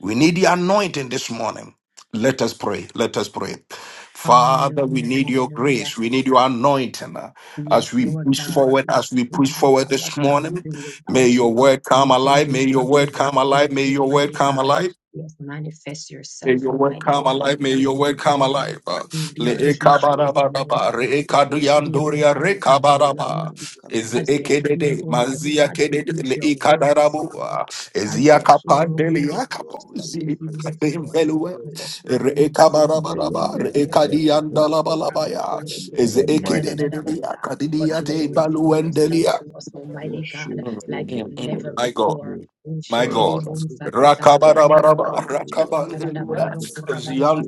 Speaker 1: We need the anointing this morning. Let us pray. Let us pray. Father, we
Speaker 2: Hallelujah,
Speaker 1: need your
Speaker 2: hallelujah.
Speaker 1: grace. We need your anointing uh,
Speaker 2: Yes,
Speaker 1: as we
Speaker 2: Lord
Speaker 1: push
Speaker 2: God,
Speaker 1: forward,
Speaker 2: we
Speaker 1: as we push
Speaker 2: surrender us.
Speaker 1: forward
Speaker 2: Uh, what
Speaker 1: this
Speaker 2: can we
Speaker 1: morning.
Speaker 2: do
Speaker 1: May
Speaker 2: without
Speaker 1: your
Speaker 2: you?
Speaker 1: word come
Speaker 2: We can
Speaker 1: alive. May
Speaker 2: do
Speaker 1: your word
Speaker 2: nothing but
Speaker 1: come alive.
Speaker 2: fail,
Speaker 1: May your word
Speaker 2: Almighty
Speaker 1: come
Speaker 2: God.
Speaker 1: alive.
Speaker 2: Yes, manifest
Speaker 4: Father, we
Speaker 1: May
Speaker 2: yourself,
Speaker 1: your word
Speaker 4: give
Speaker 2: Almighty
Speaker 4: you
Speaker 1: come
Speaker 2: God, in
Speaker 1: alive.
Speaker 2: the
Speaker 1: May
Speaker 4: praise
Speaker 2: midst
Speaker 1: your
Speaker 4: right
Speaker 2: this
Speaker 1: word
Speaker 4: now
Speaker 1: come
Speaker 4: in the
Speaker 1: alive.
Speaker 2: morning.
Speaker 4: mighty name
Speaker 1: Uh,
Speaker 2: You
Speaker 4: of
Speaker 2: be
Speaker 1: Le
Speaker 2: our
Speaker 4: Jesus. We
Speaker 2: teacher
Speaker 4: say
Speaker 2: this
Speaker 4: that we
Speaker 1: ekabarababa,
Speaker 2: morning.
Speaker 4: give
Speaker 1: re
Speaker 4: you
Speaker 2: As we
Speaker 4: praise.
Speaker 2: are
Speaker 4: We
Speaker 2: here,
Speaker 4: say
Speaker 1: ekaduyandoria,
Speaker 4: that,
Speaker 1: re
Speaker 2: Almighty God, to learn of
Speaker 1: kabaraba.
Speaker 4: Father,
Speaker 2: you.
Speaker 4: come
Speaker 1: Is
Speaker 2: As we
Speaker 4: before
Speaker 2: are
Speaker 4: us this
Speaker 2: here,
Speaker 1: ekedede,
Speaker 4: morning, O
Speaker 2: Almighty
Speaker 1: mazia
Speaker 2: God,
Speaker 4: God, go
Speaker 2: to
Speaker 1: kedede,
Speaker 2: eat
Speaker 1: le
Speaker 4: before
Speaker 2: your
Speaker 4: us this
Speaker 2: word this
Speaker 4: morning.
Speaker 1: ekadarabu, uh,
Speaker 2: morning.
Speaker 4: We
Speaker 1: is
Speaker 2: As
Speaker 4: need
Speaker 2: we are
Speaker 4: your
Speaker 2: here,
Speaker 4: presence.
Speaker 1: yakapandeli,
Speaker 2: Almighty
Speaker 4: Yes,
Speaker 2: God,
Speaker 4: Lord,
Speaker 2: to
Speaker 1: yakapo,
Speaker 4: we
Speaker 2: stop
Speaker 4: need your
Speaker 2: with
Speaker 1: zi
Speaker 2: you this
Speaker 4: presence. We need
Speaker 2: morning.
Speaker 4: your
Speaker 1: ekademvelue,
Speaker 2: Let
Speaker 4: presence.
Speaker 2: us
Speaker 4: We
Speaker 2: not
Speaker 1: re
Speaker 4: need your
Speaker 2: leave the
Speaker 4: presence,
Speaker 2: same
Speaker 3: I
Speaker 4: oh
Speaker 2: way that
Speaker 4: God.
Speaker 3: am
Speaker 2: we
Speaker 1: ekabarabaraba, re
Speaker 3: not a
Speaker 4: We
Speaker 2: came.
Speaker 3: person.
Speaker 4: need your
Speaker 2: Bo-
Speaker 4: presence,
Speaker 2: bo- ra-
Speaker 4: King
Speaker 2: ba-
Speaker 4: of
Speaker 1: ekadiyandalabalabaya,
Speaker 4: God.
Speaker 2: se- de-
Speaker 4: Let
Speaker 2: ke-
Speaker 4: your
Speaker 3: I
Speaker 2: de-
Speaker 1: is
Speaker 2: ke-
Speaker 3: have
Speaker 2: sha-
Speaker 4: presence
Speaker 3: my
Speaker 2: da-
Speaker 4: go
Speaker 2: da- da-
Speaker 1: ekedede,
Speaker 2: da-
Speaker 4: before
Speaker 2: ba-
Speaker 4: us
Speaker 2: sa
Speaker 4: today.
Speaker 2: but you will
Speaker 1: yakadidiyate,
Speaker 4: In the
Speaker 2: reveal
Speaker 4: mighty name
Speaker 2: yourself
Speaker 4: of
Speaker 1: baluendelia.
Speaker 2: to us,
Speaker 4: Jesus.
Speaker 2: Almighty God,
Speaker 3: worship
Speaker 1: Mm,
Speaker 2: like
Speaker 3: in
Speaker 2: you've
Speaker 1: mm,
Speaker 3: the
Speaker 1: mm.
Speaker 2: never
Speaker 1: My
Speaker 3: forest of
Speaker 1: God.
Speaker 2: before.
Speaker 3: the
Speaker 1: My
Speaker 4: Yes,
Speaker 1: God.
Speaker 4: Lord,
Speaker 3: Rabban
Speaker 4: we need your presence, oh God.
Speaker 1: Rakabarabaraba,
Speaker 4: We need your
Speaker 1: rakabandelua,
Speaker 4: presence.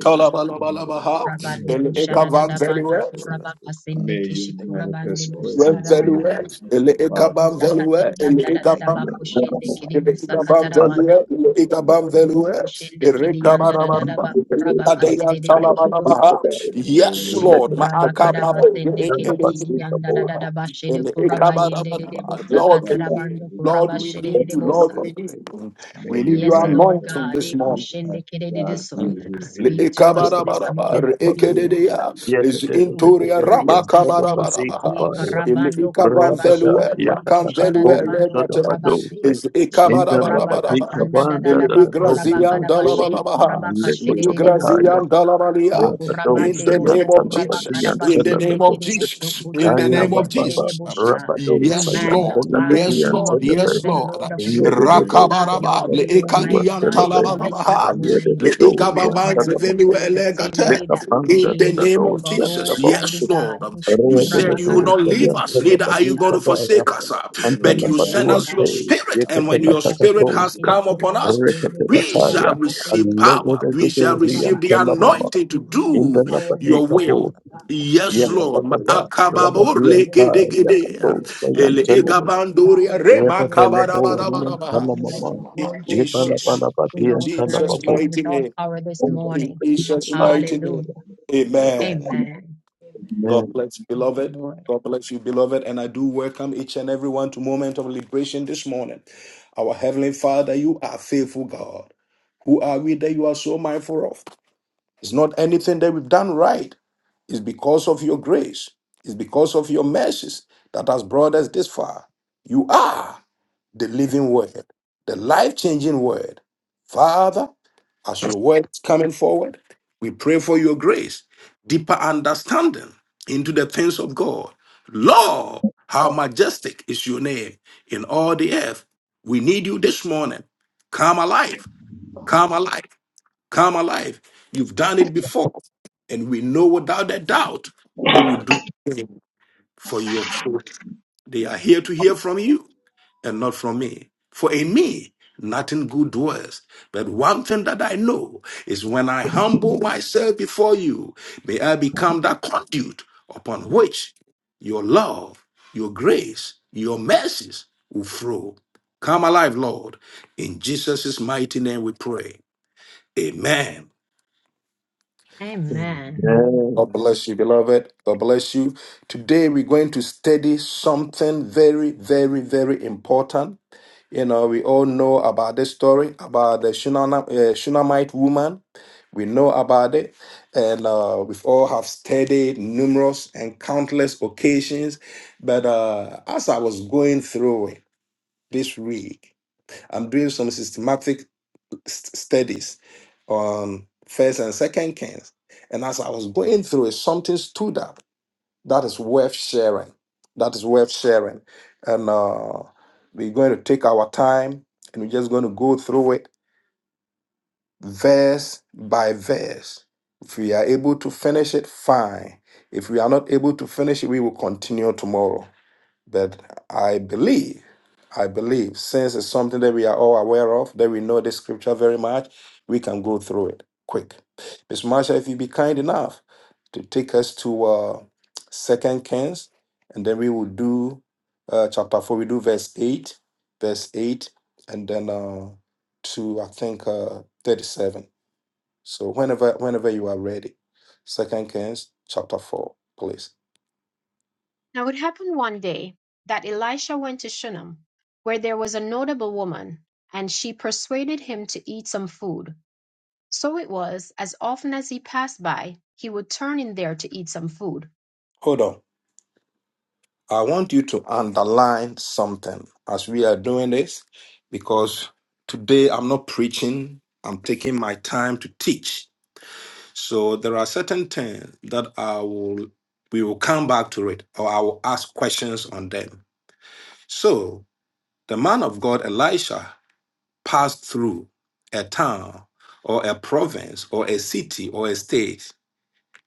Speaker 4: We ask for nothing than your presence.
Speaker 1: ele
Speaker 4: Let your presence go
Speaker 1: ekabanvelua,
Speaker 4: before us, O God.
Speaker 3: May your
Speaker 4: Let your
Speaker 3: manifest
Speaker 4: presence go
Speaker 3: presence
Speaker 4: before
Speaker 3: be
Speaker 4: us.
Speaker 1: wenvelua,
Speaker 4: Let
Speaker 3: in
Speaker 4: your
Speaker 1: ele
Speaker 4: presence go
Speaker 3: my life
Speaker 4: before us. In the mighty
Speaker 1: ekabanvelua,
Speaker 4: name of Jesus, let your
Speaker 1: Ilikabam
Speaker 4: presence
Speaker 1: velue,
Speaker 4: just Lord come
Speaker 1: ilikabam
Speaker 4: alive.
Speaker 1: velue,
Speaker 4: ah.
Speaker 2: Roboku shende
Speaker 4: In
Speaker 2: kidi yanda
Speaker 4: Jesus'
Speaker 2: da da
Speaker 4: mighty
Speaker 2: da
Speaker 1: irikabarabaraba,
Speaker 2: ba
Speaker 4: name, we say let
Speaker 1: ilikadeya
Speaker 4: your presence,
Speaker 2: kuraba
Speaker 1: talabalabaha.
Speaker 6: Amen.
Speaker 4: let your
Speaker 1: Yes,
Speaker 6: and
Speaker 4: presence
Speaker 6: let
Speaker 1: Lord.
Speaker 4: go
Speaker 6: the
Speaker 2: Chikuraba
Speaker 4: before us.
Speaker 6: prophet
Speaker 1: Maakababa,
Speaker 4: In the
Speaker 2: karabasende
Speaker 4: mighty
Speaker 6: turn
Speaker 2: kiri
Speaker 6: up
Speaker 4: name of
Speaker 6: and
Speaker 2: kiri
Speaker 6: sleep the
Speaker 2: yanda
Speaker 4: Jesus,
Speaker 2: da
Speaker 6: board.
Speaker 2: da
Speaker 1: ilikabarabaraba,
Speaker 2: da
Speaker 4: we
Speaker 2: bashede
Speaker 4: pray for your
Speaker 2: kuraba
Speaker 4: presence.
Speaker 2: yende de
Speaker 4: We
Speaker 2: de
Speaker 4: pray
Speaker 1: ilikabarabaraba.
Speaker 6: Yes,
Speaker 4: for
Speaker 2: bosa
Speaker 6: the
Speaker 1: Lord, we
Speaker 4: your
Speaker 6: data,
Speaker 1: need you.
Speaker 2: katarabando
Speaker 4: presence, O God.
Speaker 1: Lord,
Speaker 2: kuraba
Speaker 1: we
Speaker 2: shede de
Speaker 1: need
Speaker 4: We
Speaker 2: de
Speaker 1: you.
Speaker 4: pray
Speaker 6: turn up
Speaker 1: Lord,
Speaker 4: for
Speaker 2: bosa.
Speaker 6: and
Speaker 1: we
Speaker 4: your
Speaker 1: need you.
Speaker 4: presence. ah.
Speaker 3: May
Speaker 1: We need
Speaker 3: your
Speaker 4: We
Speaker 2: Yes,
Speaker 1: your
Speaker 4: pray
Speaker 2: Lord
Speaker 3: manifest
Speaker 4: for your
Speaker 1: anointing
Speaker 2: God,
Speaker 1: this
Speaker 2: eh,
Speaker 3: Yes,
Speaker 1: morning.
Speaker 4: presence. God.
Speaker 2: kushende
Speaker 3: Lord
Speaker 2: kere de de
Speaker 3: God,
Speaker 2: so.
Speaker 3: be
Speaker 4: Ikaya
Speaker 1: Le-
Speaker 2: Speak
Speaker 3: revealed.
Speaker 2: to us
Speaker 3: The
Speaker 6: board,
Speaker 2: this
Speaker 3: Bible
Speaker 1: ekabarabaraba,
Speaker 6: turn
Speaker 4: Lucia
Speaker 2: morning.
Speaker 6: up and
Speaker 2: Speak to
Speaker 6: sleep.
Speaker 2: us,
Speaker 3: says
Speaker 6: Yes, the
Speaker 4: Lambert
Speaker 1: is
Speaker 2: Speak
Speaker 6: data, the
Speaker 2: Holy
Speaker 3: that
Speaker 1: intoria
Speaker 6: data,
Speaker 3: God
Speaker 2: Spirit,
Speaker 6: yes,
Speaker 1: raba
Speaker 2: this
Speaker 3: is
Speaker 6: turn up and
Speaker 2: morning.
Speaker 6: sleep
Speaker 3: revealed.
Speaker 6: the
Speaker 4: Melaba
Speaker 2: Ye
Speaker 1: kabarabaraba.
Speaker 3: That
Speaker 6: fire.
Speaker 1: Ele
Speaker 4: and
Speaker 2: karabando kuraba
Speaker 4: Kabandu
Speaker 6: Rabada,
Speaker 3: is
Speaker 1: ikavanvelue,
Speaker 2: shende
Speaker 4: Mahabi
Speaker 3: the secret
Speaker 2: kiri kushada
Speaker 1: makanvelue
Speaker 2: da
Speaker 4: Papaya
Speaker 6: yakatakato,
Speaker 3: secret.
Speaker 2: bando
Speaker 6: turn up
Speaker 1: elegate,
Speaker 6: and
Speaker 2: kuraba se.
Speaker 6: dose.
Speaker 1: is
Speaker 2: She
Speaker 6: In the
Speaker 3: And
Speaker 2: kuraba
Speaker 3: that
Speaker 1: ikabarabarabaraba.
Speaker 4: Lakaya
Speaker 6: Labadika
Speaker 2: kasanda da da
Speaker 6: Banda,
Speaker 2: da
Speaker 1: Ele
Speaker 2: ba
Speaker 3: that
Speaker 6: the
Speaker 3: is
Speaker 2: kuraba
Speaker 6: Tori
Speaker 3: the
Speaker 1: igrazian
Speaker 6: and
Speaker 2: karaba
Speaker 6: Day,
Speaker 2: shede
Speaker 3: key.
Speaker 1: dalabalabaha,
Speaker 2: kuraba
Speaker 6: and
Speaker 3: It
Speaker 1: le
Speaker 2: kashede
Speaker 3: is
Speaker 2: de de bosa.
Speaker 6: Lekotopataya,
Speaker 1: igrazian
Speaker 3: the
Speaker 1: dalabalia.
Speaker 2: Kuraba
Speaker 3: exact
Speaker 6: Rabados,
Speaker 1: In
Speaker 2: de
Speaker 1: the
Speaker 6: and
Speaker 3: reason
Speaker 2: bosto
Speaker 1: name of
Speaker 2: kuraba
Speaker 6: Yantanapati
Speaker 1: Jesus,
Speaker 6: and
Speaker 1: in the
Speaker 3: that
Speaker 2: karabashende
Speaker 1: name of
Speaker 2: kere
Speaker 6: Teleboshe,
Speaker 2: bosto
Speaker 1: Jesus, in the
Speaker 2: kucharaba
Speaker 6: Kaya
Speaker 3: it
Speaker 1: name of
Speaker 2: yende de de
Speaker 6: Baba,
Speaker 1: Jesus.
Speaker 2: bosha. We
Speaker 6: Rabados,
Speaker 1: Yes,
Speaker 6: and
Speaker 1: Lord,
Speaker 2: magnify you,
Speaker 6: Yantanapati
Speaker 1: yes,
Speaker 3: has
Speaker 6: and
Speaker 2: King
Speaker 1: Lord,
Speaker 2: of
Speaker 6: Telebe.
Speaker 2: Kings
Speaker 1: yes,
Speaker 2: and
Speaker 1: Lord.
Speaker 2: Lord of Lords.
Speaker 3: been made
Speaker 2: Have your
Speaker 4: Tos
Speaker 2: way,
Speaker 1: Rakabaraba,
Speaker 3: to
Speaker 2: Almighty God, in our
Speaker 3: the
Speaker 2: midst this morning. We don't want to leave here the same way that
Speaker 3: secret
Speaker 2: we
Speaker 1: in the
Speaker 2: came.
Speaker 1: name of
Speaker 2: But
Speaker 1: Jesus, yes,
Speaker 2: Almighty God,
Speaker 1: Lord.
Speaker 2: in
Speaker 3: and
Speaker 1: You
Speaker 3: the
Speaker 1: said
Speaker 3: mercy
Speaker 2: Shikuraba
Speaker 1: you will not leave
Speaker 2: karabashende
Speaker 1: us,
Speaker 2: kere
Speaker 1: neither are you going
Speaker 2: bosha.
Speaker 1: to forsake
Speaker 6: Yakatakaba,
Speaker 3: of
Speaker 1: us.
Speaker 3: the
Speaker 1: But
Speaker 3: living
Speaker 1: you
Speaker 2: yes,
Speaker 3: God.
Speaker 1: send
Speaker 2: Lord
Speaker 1: us
Speaker 2: God.
Speaker 1: your
Speaker 3: It is
Speaker 1: spirit, and when
Speaker 2: Ye
Speaker 3: this
Speaker 1: your spirit
Speaker 2: kashende
Speaker 1: has
Speaker 2: kede
Speaker 1: come
Speaker 3: secret
Speaker 1: upon
Speaker 2: kuraba
Speaker 1: us,
Speaker 3: and the
Speaker 2: chende de
Speaker 3: God
Speaker 1: we
Speaker 3: that
Speaker 2: kuraba
Speaker 1: shall
Speaker 3: has
Speaker 2: kasete
Speaker 1: receive
Speaker 3: the
Speaker 2: teke
Speaker 3: secret
Speaker 1: power.
Speaker 2: teke
Speaker 1: We
Speaker 2: teke
Speaker 1: shall
Speaker 2: kuraba
Speaker 1: receive the
Speaker 2: kusa.
Speaker 1: anointing to
Speaker 2: We need your
Speaker 1: do
Speaker 3: of
Speaker 2: power
Speaker 1: your
Speaker 2: this
Speaker 1: will.
Speaker 2: morning, God, to
Speaker 1: Yes,
Speaker 3: your
Speaker 1: Lord.
Speaker 2: manifest
Speaker 3: revelation.
Speaker 2: yourself
Speaker 3: to
Speaker 2: in
Speaker 3: you.
Speaker 1: Akababor
Speaker 2: this
Speaker 6: Rabadianta,
Speaker 2: place this
Speaker 1: lekedegede.
Speaker 2: morning.
Speaker 6: Yakatosa,
Speaker 2: Touch
Speaker 3: Shake
Speaker 1: Ele
Speaker 2: us,
Speaker 6: Yantella,
Speaker 3: it,
Speaker 2: Almighty God,
Speaker 1: egabandoria
Speaker 2: in a
Speaker 1: rema
Speaker 2: mighty and special way
Speaker 6: Rebebeleborian
Speaker 2: this
Speaker 1: kabarabarabarabaha
Speaker 2: morning. Let
Speaker 6: Telamama,
Speaker 2: your
Speaker 1: in
Speaker 2: word go forth uh,
Speaker 1: Jesus,
Speaker 2: with
Speaker 1: in
Speaker 6: Ibanabanababian
Speaker 2: all
Speaker 1: Jesus'
Speaker 2: clarity
Speaker 6: Telamabo.
Speaker 2: and with
Speaker 1: mighty
Speaker 2: all
Speaker 1: name,
Speaker 2: power this
Speaker 6: Amen.
Speaker 1: in
Speaker 2: morning.
Speaker 1: Jesus' mighty name.
Speaker 2: Hallelujah.
Speaker 3: yeah.
Speaker 1: Amen.
Speaker 4: Amen.
Speaker 2: Amen.
Speaker 1: God bless you,
Speaker 2: Thank you,
Speaker 1: beloved.
Speaker 2: Lord.
Speaker 1: God bless you, beloved. And I do welcome each and everyone to Moment of Liberation this morning. Our Heavenly Father, you are faithful God. Who are we that you are so mindful of? It's not anything that we've done right. It's because of your grace. It's because of your mercies that has brought us this far. You are the living word, the life changing word. Father, As your words coming forward, we pray for your grace, deeper understanding into the things of God. Lord, how majestic is your name in all the earth. We need you this morning. Come alive, come alive, come alive. You've done it before, and we know without a doubt you will do it for your children. They are here to hear from you and not from me. For in me, nothing good dwells. But one thing that I know is when I humble myself before you, may I become that conduit upon which your love, your grace, your mercies will flow. Come alive, Lord. In Jesus' mighty name we pray. Amen.
Speaker 2: Amen.
Speaker 1: God
Speaker 6: Amen.
Speaker 1: bless you, beloved. God bless you. Today we're going to study something very, very, very important You know, we all know about this story about the Shunana- uh, Shunammite woman. We know about it, and uh, we all have studied numerous and countless occasions. But uh, as I was going through it this week, I'm doing some systematic st- studies on First and Second Kings, and as I was going through it, something stood out that is worth sharing. That is worth sharing. And uh, we're going to take our time and we're just going to go through it verse by verse. If we are able to finish it, fine. If we are not able to finish it, we will continue tomorrow. But I believe, I believe, since it's something that we are all aware of, that we know this scripture very much, we can go through it quick. Miss Marsha, if you be kind enough to take us to uh, Second Kings, and then we will do uh, chapter four. We do verse eight, verse eight, and then uh, to I think uh, thirty-seven. So whenever, whenever you are ready, Second Kings chapter four, please.
Speaker 2: Now it happened one day that Elisha went to Shunem, where there was a notable woman, and she persuaded him to eat some food. So it was, as often as he passed by, he would turn in there to eat some food.
Speaker 1: Hold on. I want you to underline something as we are doing this because today I'm not preaching, I'm taking my time to teach. So there are certain things that I will we will come back to it or I will ask questions on them. So the man of God Elisha passed through a town or a province or a city or a state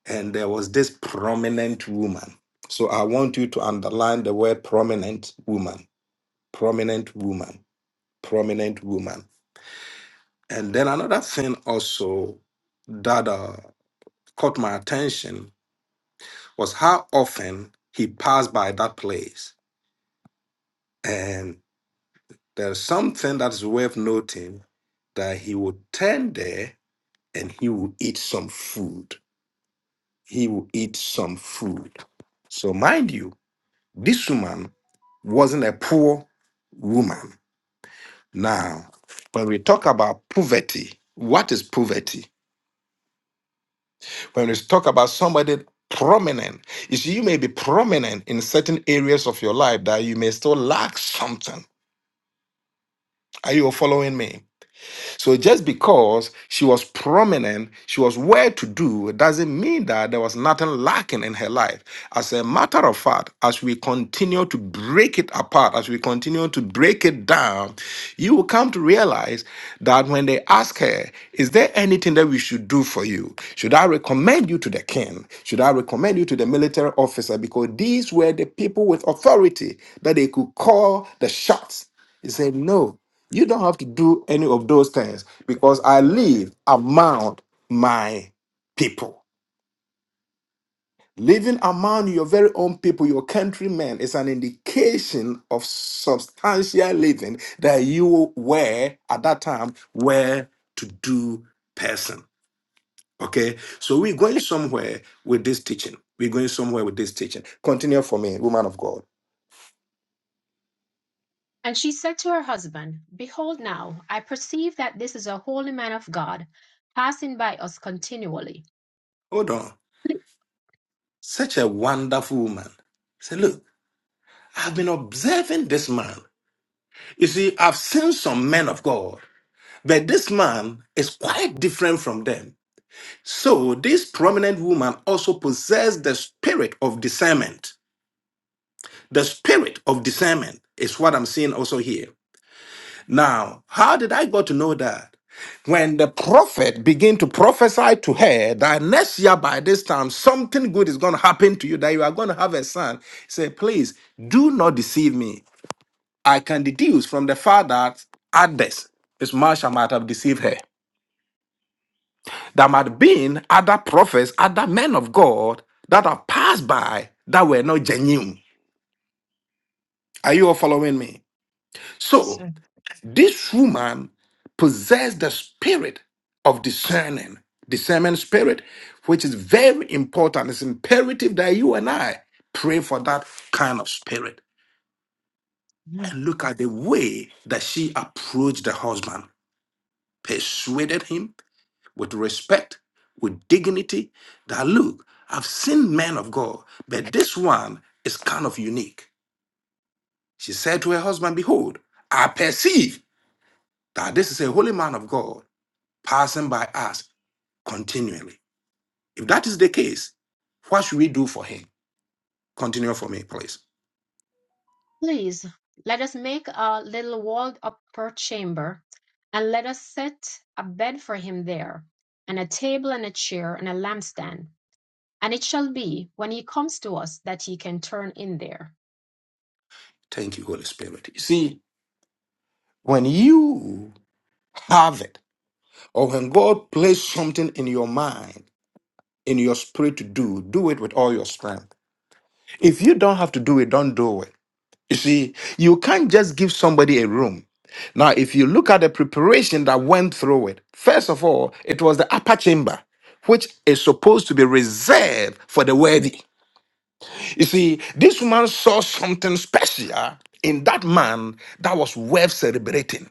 Speaker 1: and there was this prominent woman. So I want you to underline the word prominent woman prominent woman, prominent woman. And then another thing also that uh, caught my attention was how often he passed by that place. And there's something that's worth noting that he would turn there and he would eat some food. He would eat some food. So, mind you, this woman wasn't a poor woman. Now, when we talk about poverty, what is poverty? When it's talk about somebody prominent, you see, you may be prominent in certain areas of your life that you may still lack something. Are you following me? So just because she was prominent, she was well to do, doesn't mean that there was nothing lacking in her life. As a matter of fact, as we continue to break it apart, as we continue to break it down, you will come to realize that when they ask her, Is there anything that we should do for you? Should I recommend you to the king? Should I recommend you to the military officer? Because these were the people with authority that they could call the shots. He said, No, you don't have to do any of those things because I live among my people. Living among your very own people, your countrymen, is an indication of substantial living that you were at that time were to do person. Okay, so we're going somewhere with this teaching. We're going somewhere with this teaching. Continue for me, woman of God.
Speaker 2: And she said to her husband, Behold, now I perceive that this is a holy man of God, passing by us continually.
Speaker 1: Hold on. Such a wonderful woman. Say, look, I've been observing this man. You see, I've seen some men of God, but this man is quite different from them. So, this prominent woman also possessed the spirit of discernment. The spirit of discernment is what I'm seeing also here. Now, how did I got to know that? When the prophet began to prophesy to her that next year by this time something good is going to happen to you, that you are going to have a son, say, please do not deceive me. I can deduce from the fact that others, as much I might have deceived her, there might have been other prophets, other men of God that have passed by that were not genuine. Are you all following me? So
Speaker 2: So-
Speaker 1: this woman possessed the spirit of discerning, discernment spirit, which is very important. It's imperative that you and I pray for that kind of spirit. And look at the way that she approached the husband, persuaded him with respect, with dignity, that look, I've seen men of God, but this one is kind of unique. She said to her husband, Behold, I perceive that this is a holy man of God passing by us continually. If that is the case, what should we do for him? Continue for me, please.
Speaker 2: Please let us make a little walled up upper chamber, and let us set a bed for him there, and a table and a chair and a lampstand. And it shall be, when he comes to us, that he can turn in there.
Speaker 1: Thank you, Holy Spirit. You see, when you have it, or when God places something in your mind, in your spirit to do, do it with all your strength If you don't have to do it, don't do it. You see, you can't just give somebody a room. Now, if you look at the preparation that went through it, first of all, it was the upper chamber, which is supposed to be reserved for the worthy. You see, this woman saw something special in that man that was worth celebrating.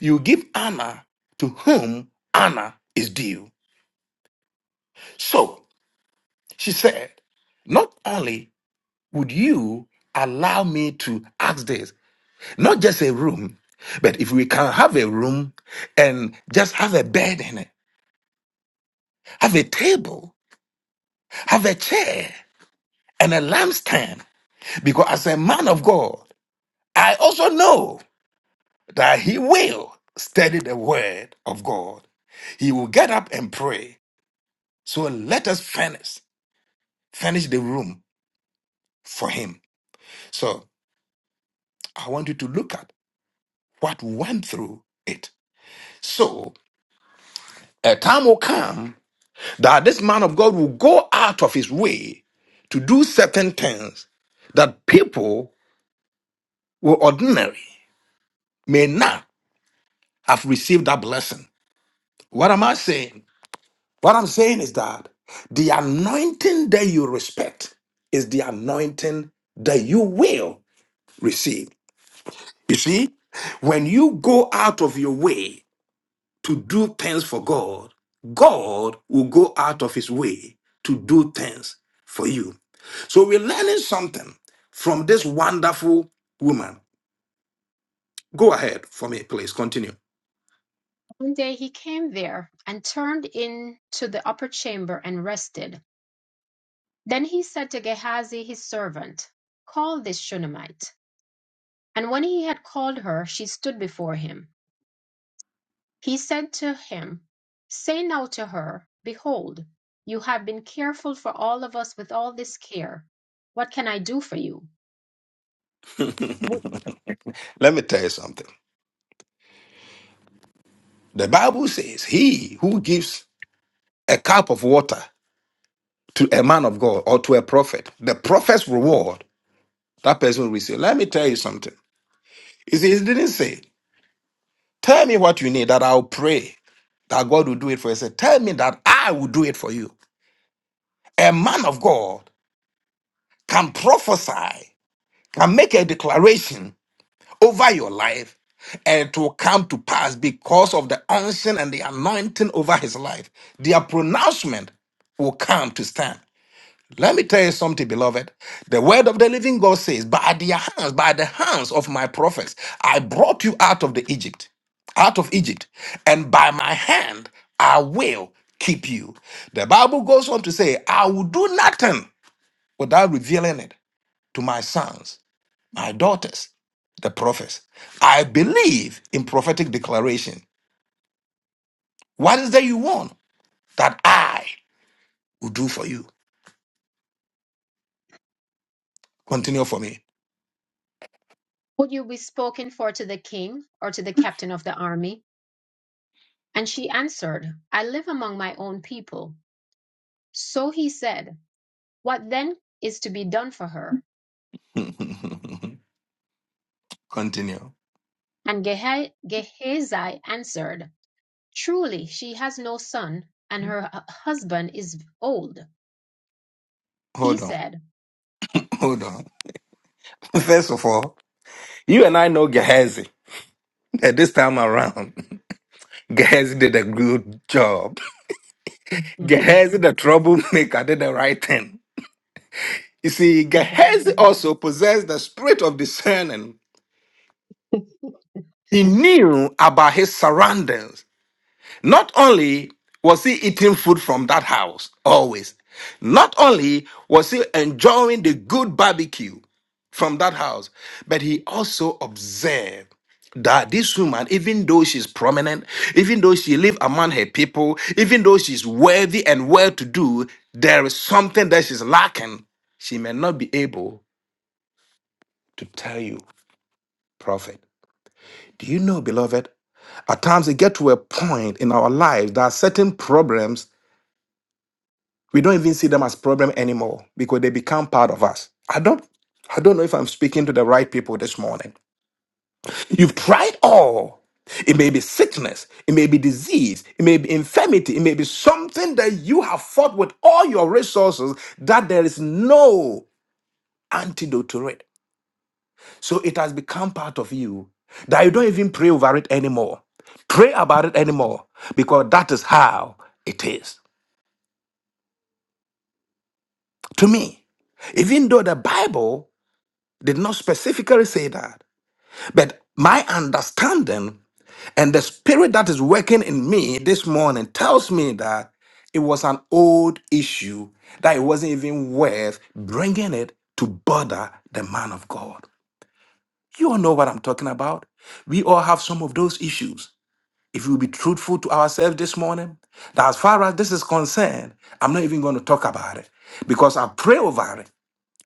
Speaker 1: You give honor to whom honor is due. So she said, Not only would you allow me to ask this, Not just a room, but if we can have a room and just have a bed in it, have a table, have a chair, and a lampstand, because as a man of God, I also know that he will study the word of God. He will get up and pray. So let us furnish, furnish the room for him. So I want you to look at what went through it. So a time will come that this man of God will go out of his way to do certain things that people who are ordinary may not have received that blessing. What am I saying? What I'm saying is that the anointing that you respect is the anointing that you will receive. You see, when you go out of your way to do things for God, God will go out of his way to do things for you. So we're learning something from this wonderful woman. Go ahead for me, please. Continue.
Speaker 2: One day he came there, and turned in to the upper chamber and rested. Then he said to Gehazi his servant, Call this Shunammite. And when he had called her, she stood before him. He said to him, Say now to her, Behold, you have been careful for all of us with all this care. What can I do for you? Would,
Speaker 1: Let me tell you something. The Bible says, He who gives a cup of water to a man of God or to a prophet, the prophet's reward, that person will receive. Let me tell you something. He says- he didn't say, Tell me what you need that I'll pray that God will do it for you. He said, Tell me that I will do it for you. A man of God can prophesy, can make a declaration over your life and it will come to pass because of the unction and the anointing over his life. Their pronouncement will come to stand. Let me tell you something, beloved. The word of the living God says, By their hands, by the hands of my prophets, I brought you out of the Egypt, out of Egypt, and by my hand I will keep you. The Bible goes on to say, I will do nothing without revealing it to my sons my daughters, the prophets. I believe in prophetic declaration. What is that you want that I will do for you? Continue for me.
Speaker 2: would you be spoken for to the king or to the captain of the army? And she answered, I live among my own people. So he said, What then is to be done for her?
Speaker 1: Continue.
Speaker 2: And Gehe- Gehazi answered, Truly, she has no son, and her hu- husband is old. He
Speaker 1: Hold on.
Speaker 2: said,
Speaker 1: Hold on. First of all, you and I know Gehazi. And this time around, Gehazi did a good job. Gehazi, the troublemaker, did the right thing. You see, Gehazi also possessed the spirit of discerning. He knew about his surroundings. Not only was he eating food from that house, always, not only was he enjoying the good barbecue from that house, but he also observed that this woman, even though she's prominent, even though she lives among her people, even though she's worthy and well to do, there is something that she's lacking. She may not be able to tell you, prophet. Do you know, beloved? At times, we get to a point in our lives that certain problems we don't even see them as problem anymore because they become part of us i don't i don't know if i'm speaking to the right people this morning you've tried all it may be sickness it may be disease it may be infirmity it may be something that you have fought with all your resources that there is no antidote to it so it has become part of you that you don't even pray over it anymore pray about it anymore because that is how it is to me even though the bible Did not specifically say that. But my understanding and the spirit that is working in me this morning tells me that it was an old issue, that it wasn't even worth bringing it to bother the man of God. You all know what I'm talking about. We all have some of those issues. If we'll be truthful to ourselves this morning, that as far as this is concerned, I'm not even going to talk about it because I pray over it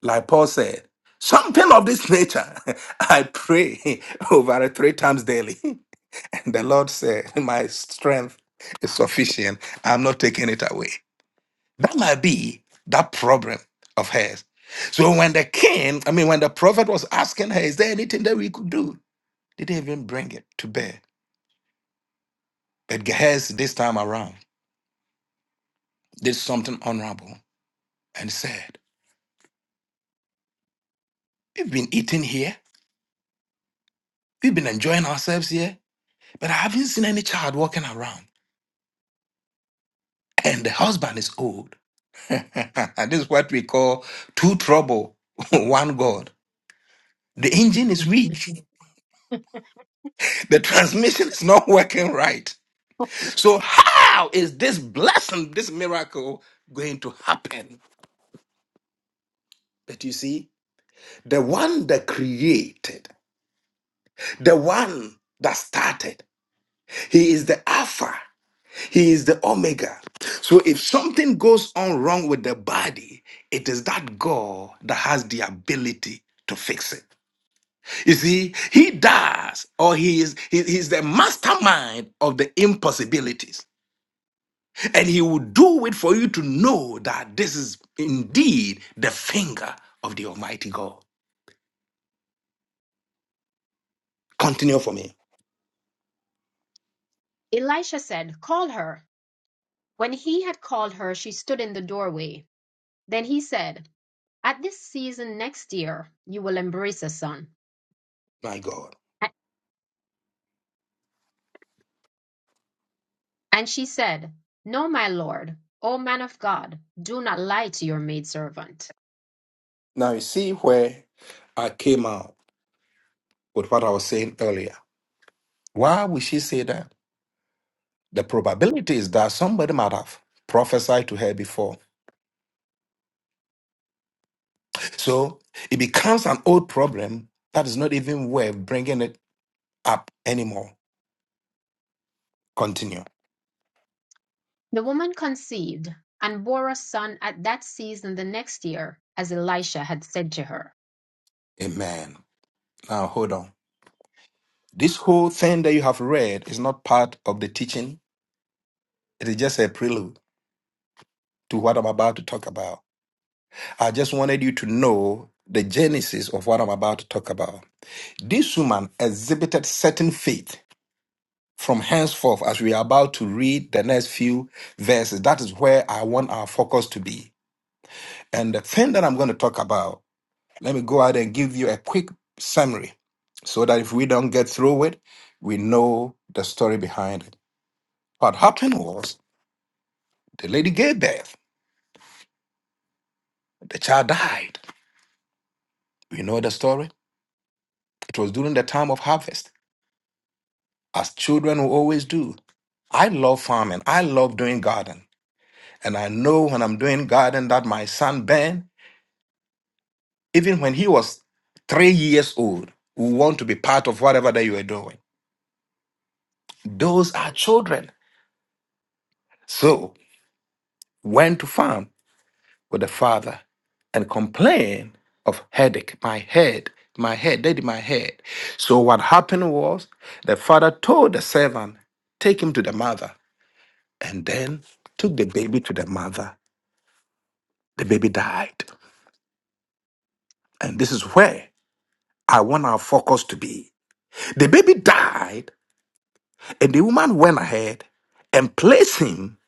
Speaker 1: like Paul said, something of this nature. I pray over it three times daily. And the Lord said, My strength is sufficient. I'm not taking it away. That might be that problem of hers. So when the king, I mean, when the prophet was asking her, Is there anything that we could do? They didn't even bring it to bear. But Gehazi, this time around, did something honorable and said, We've been eating here, we've been enjoying ourselves here, but I haven't seen any child walking around. and the husband is old. this is what we call two trouble, one God. The engine is weak. The transmission is not working right. So how is this blessing, this miracle going to happen? But you see, the one that created, the one that started, he is the Alpha, he is the Omega. So if something goes on wrong with the body, it is that God that has the ability to fix it. You see, he does, or he is he, he's the mastermind of the impossibilities. And he will do it for you to know that this is indeed the finger of the Almighty God. Continue for me,
Speaker 2: Elisha said, Call her. When he had called her, she stood in the doorway. Then he said, At this season next year, you will embrace a son.
Speaker 1: my God.
Speaker 2: A- And she said, No, my lord, O man of God, do not lie to your maidservant.
Speaker 1: Now you see where I came out with what I was saying earlier. Why would she say that? The probability is that somebody might have prophesied to her before. So it becomes an old problem that is not even worth bringing it up anymore. Continue.
Speaker 2: The woman conceived and bore a son at that season the next year, as Elisha had said to her.
Speaker 1: Amen. Now hold on. This whole thing that you have read is not part of the teaching. It is just a prelude to what I'm about to talk about. I just wanted you to know the genesis of what I'm about to talk about. This woman exhibited certain faith from henceforth as we are about to read the next few verses. That is where I want our focus to be. And the thing that I'm going to talk about, let me go out and give you a quick summary so that if we don't get through it, we know the story behind it. What happened was the lady gave birth. The child died. You know the story? It was during the time of harvest, as children will always do. I love farming. I love doing garden. And I know when I'm doing garden that my son Ben, even when he was three years old, will want to be part of whatever that you are doing. Those are children. So went to farm. with the father and complain of headache, my head, my head, daddy, my head. So what happened was the father told the servant, take him to the mother, and then took the baby to the mother. The baby died. And this is where I want our focus to be. The baby died, and the woman went ahead and placed him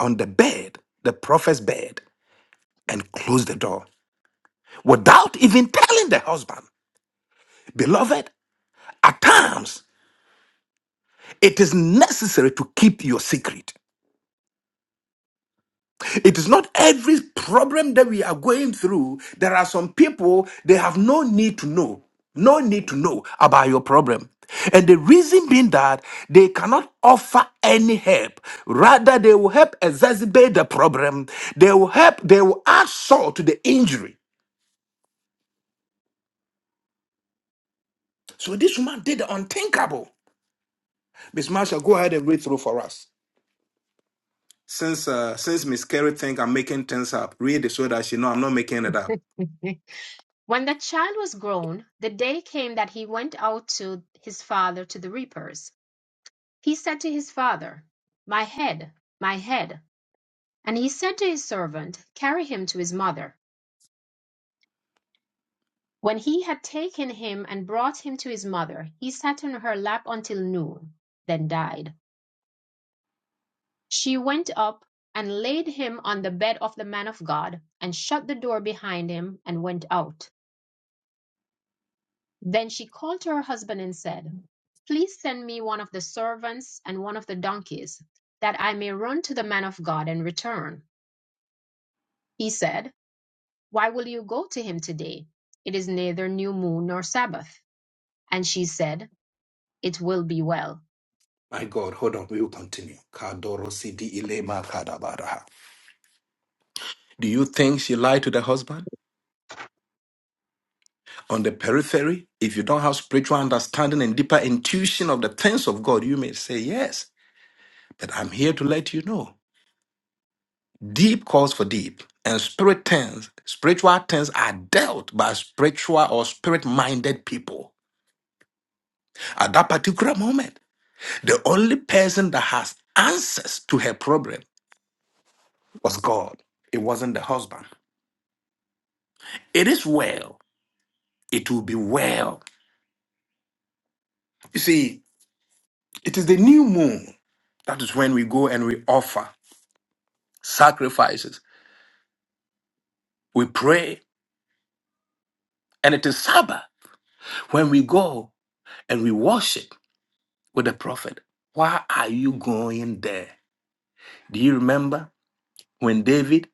Speaker 1: on the bed, the prophet's bed, and closed the door without even telling the husband. Beloved, at times It is necessary to keep your secret. It is not every problem that we are going through. There are some people, they have no need to know, no need to know about your problem. And the reason being that they cannot offer any help. Rather, they will help exacerbate the problem. They will help, they will add salt to the injury. So this woman did the unthinkable. Miss Marsha, go ahead and read through for us. Since uh, since Miss Carey think I'm making things up, read it so that she know I'm not making it up.
Speaker 2: When the child was grown, the day came that he went out to his father to the reapers. He said to his father, My head, my head. And he said to his servant, Carry him to his mother. When he had taken him and brought him to his mother, he sat on her lap until noon, then died. She went up and laid him on the bed of the man of God, and shut the door behind him, and went out. Then she called to her husband and said, Please send me one of the servants and one of the donkeys, that I may run to the man of God and return. He said, Why will you go to him today? It is neither new moon nor Sabbath. And she said, It will be well.
Speaker 1: My God, hold on, we will continue. Kadorosidi ilema kadabaraha. Do you think she lied to the husband? On the periphery, if you don't have spiritual understanding and deeper intuition of the things of God, you may say yes. But I'm here to let you know. Deep calls for deep, and spirit things, spiritual things are dealt by spiritual or spirit-minded people. At that particular moment, the only person that has answers to her problem was God. It wasn't the husband. It is well. it will be well. You see, it is the new moon. That is when we go and we offer sacrifices. We pray. And it is Sabbath when we go and we worship with the prophet. Why are you going there? Do you remember when David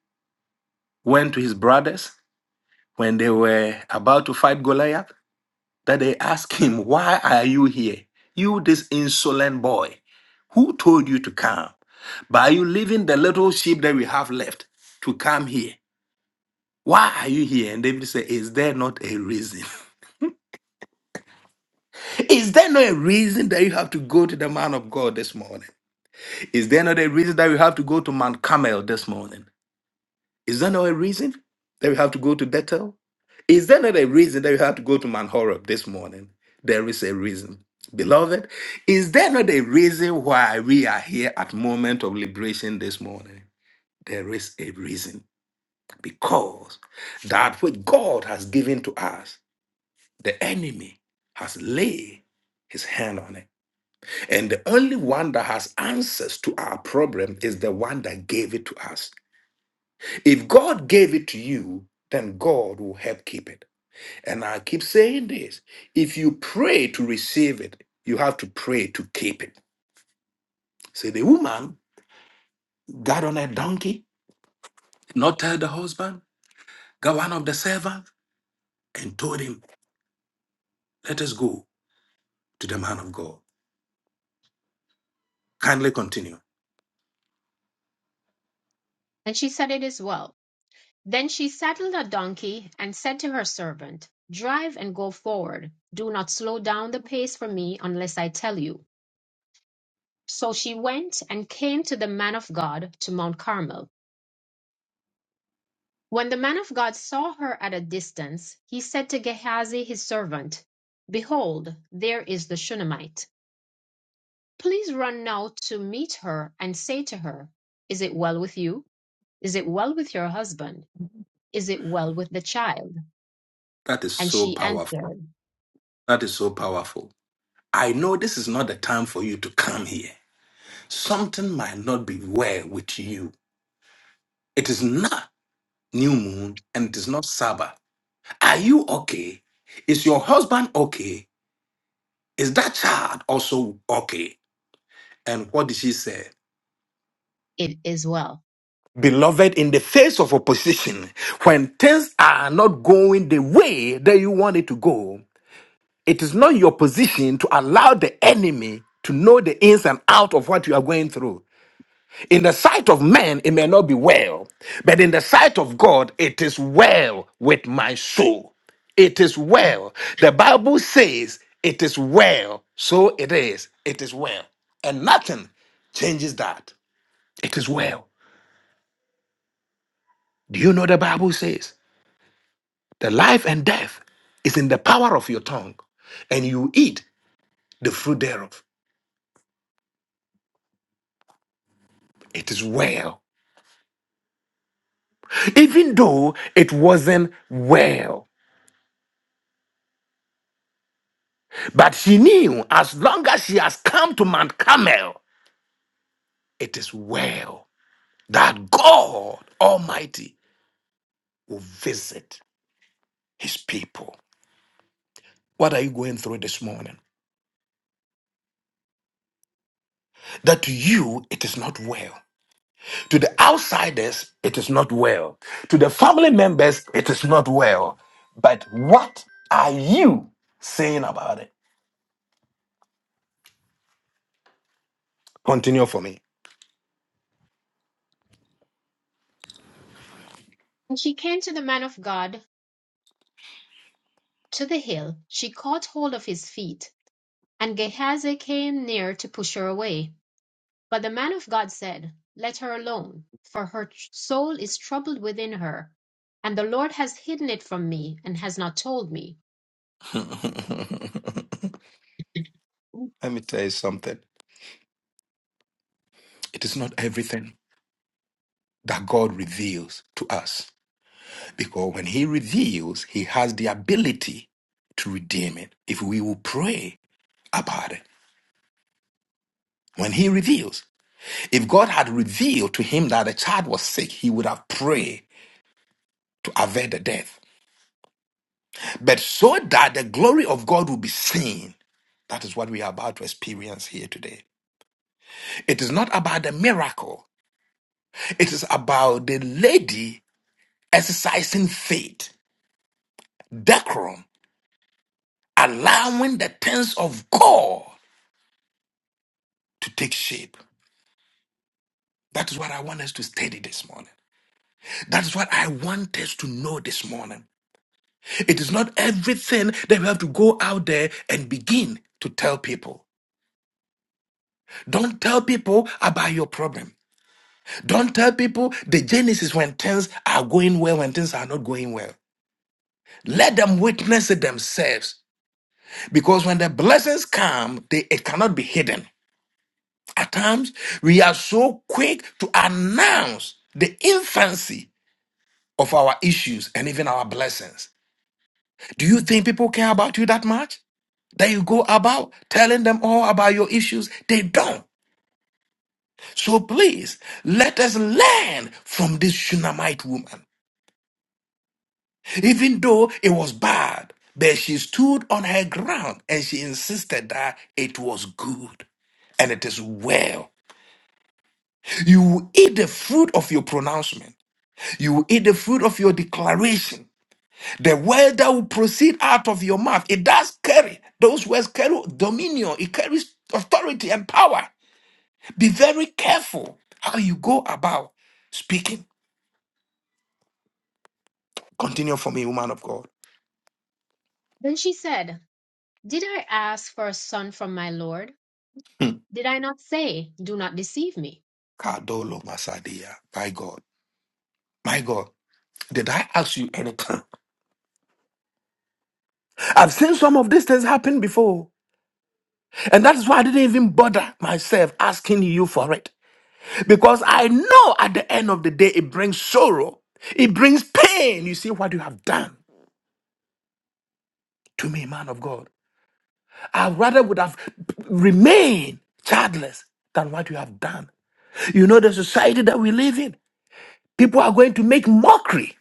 Speaker 1: went to his brothers when they were about to fight Goliath? that they ask him, Why are you here? You, this insolent boy, who told you to come? But are you leaving the little sheep that we have left to come here? Why are you here? And David said, Is there not a reason? Is there not a reason that you have to go to the man of God this morning? Is there not a reason that you have to go to Mount Carmel this morning? Is that not a reason that we have to go to Bethel? Is that not a reason that we have to go to Mount Horeb this morning? There is a reason. Beloved, is there not a reason why we are here at moment of liberation this morning? There is a reason. Because that which God has given to us, the enemy has laid his hand on it. And the only one that has answers to our problem is the one that gave it to us. If God gave it to you, then God will help keep it. And I keep saying this if you pray to receive it, you have to pray to keep it. See, the woman got on a donkey, not tell the husband, got one of the servants, and told him, Let us go to the man of God. Kindly continue.
Speaker 2: And she said, It is well. Then she saddled a donkey and said to her servant, Drive and go forward. Do not slow down the pace for me unless I tell you. So she went and came to the man of God to Mount Carmel. When the man of God saw her at a distance, he said to Gehazi his servant, Behold, there is the Shunammite. Please run now to meet her and say to her, Is it well with you? Is it well with your husband? Is it well with the child?
Speaker 1: That is
Speaker 2: And
Speaker 1: so
Speaker 2: she
Speaker 1: powerful.
Speaker 2: answered,
Speaker 1: That is so powerful. I know this is not the time for you to come here. Something might not be well with you. It is not new moon and it is not Sabbath. Are you okay? Is your husband okay? Is that child also okay? And what did she say?
Speaker 2: It is well.
Speaker 1: Beloved, in the face of opposition, when things are not going the way that you want it to go, it is not your position to allow the enemy to know the ins and out of what you are going through. In the sight of man, it may not be well, but in the sight of God, it is well with my soul. It is well. The Bible says it is well. So it is. It is well. And nothing changes that. It is well. Do you know the Bible says the life and death is in the power of your tongue, and you eat the fruit thereof? It is well. Even though it wasn't well. But she knew as long as she has come to Mount Carmel, it is well that God Almighty will visit his people. What are you going through this morning? That to you, it is not well. To the outsiders, it is not well. To the family members, it is not well. But what are you saying about it? Continue for me.
Speaker 2: When she came to the man of God to the hill. She caught hold of his feet, and Gehazi came near to push her away. But the man of God said, Let her alone, for her soul is troubled within her, and the Lord has hidden it from me and has not told me.
Speaker 1: Let me tell you something. It is not everything that God reveals to us. Because when he reveals, he has the ability to redeem it if we will pray about it. When he reveals, if God had revealed to him that the child was sick, he would have prayed to avert the death. But so that the glory of God will be seen, that is what we are about to experience here today. It is not about the miracle, it is about the lady exercising faith, decorum, allowing the things of God to take shape. That is what I want us to study this morning. That is what I want us to know this morning. It is not everything that we have to go out there and begin to tell people. Don't tell people about your problem. Don't tell people the genesis when things are going well, when things are not going well. Let them witness it themselves. Because when the blessings come, they, it cannot be hidden. At times, we are so quick to announce the infancy of our issues and even our blessings. Do
Speaker 2: Hmm.
Speaker 1: you think people care about you that much? That you go about telling them all about your issues? They don't. So please, let us learn from this Shunammite woman. Even though it was bad, but she stood on her ground and she insisted that it was good and it is well. You will eat the fruit of your pronouncement. You will eat the fruit of your declaration The word that will proceed out of your mouth, it does carry. Those words carry dominion, it carries authority and power. Be very careful how you go about speaking. Continue for me, woman of God.
Speaker 2: Then she said, Did I ask for a son from my Lord?
Speaker 1: Hmm.
Speaker 2: Did I not say, Do not deceive me?
Speaker 1: Kadolo Masadia. My God. My God. Did I ask you anything? I've seen some of these things happen before. And that is why I didn't even bother myself asking you for it. Because I know at the end of the day, it brings sorrow, it brings pain. You see what you have done. to me, man of God. I rather would have remained childless than what you have done. You know, the society that we live in, people are going to make mockery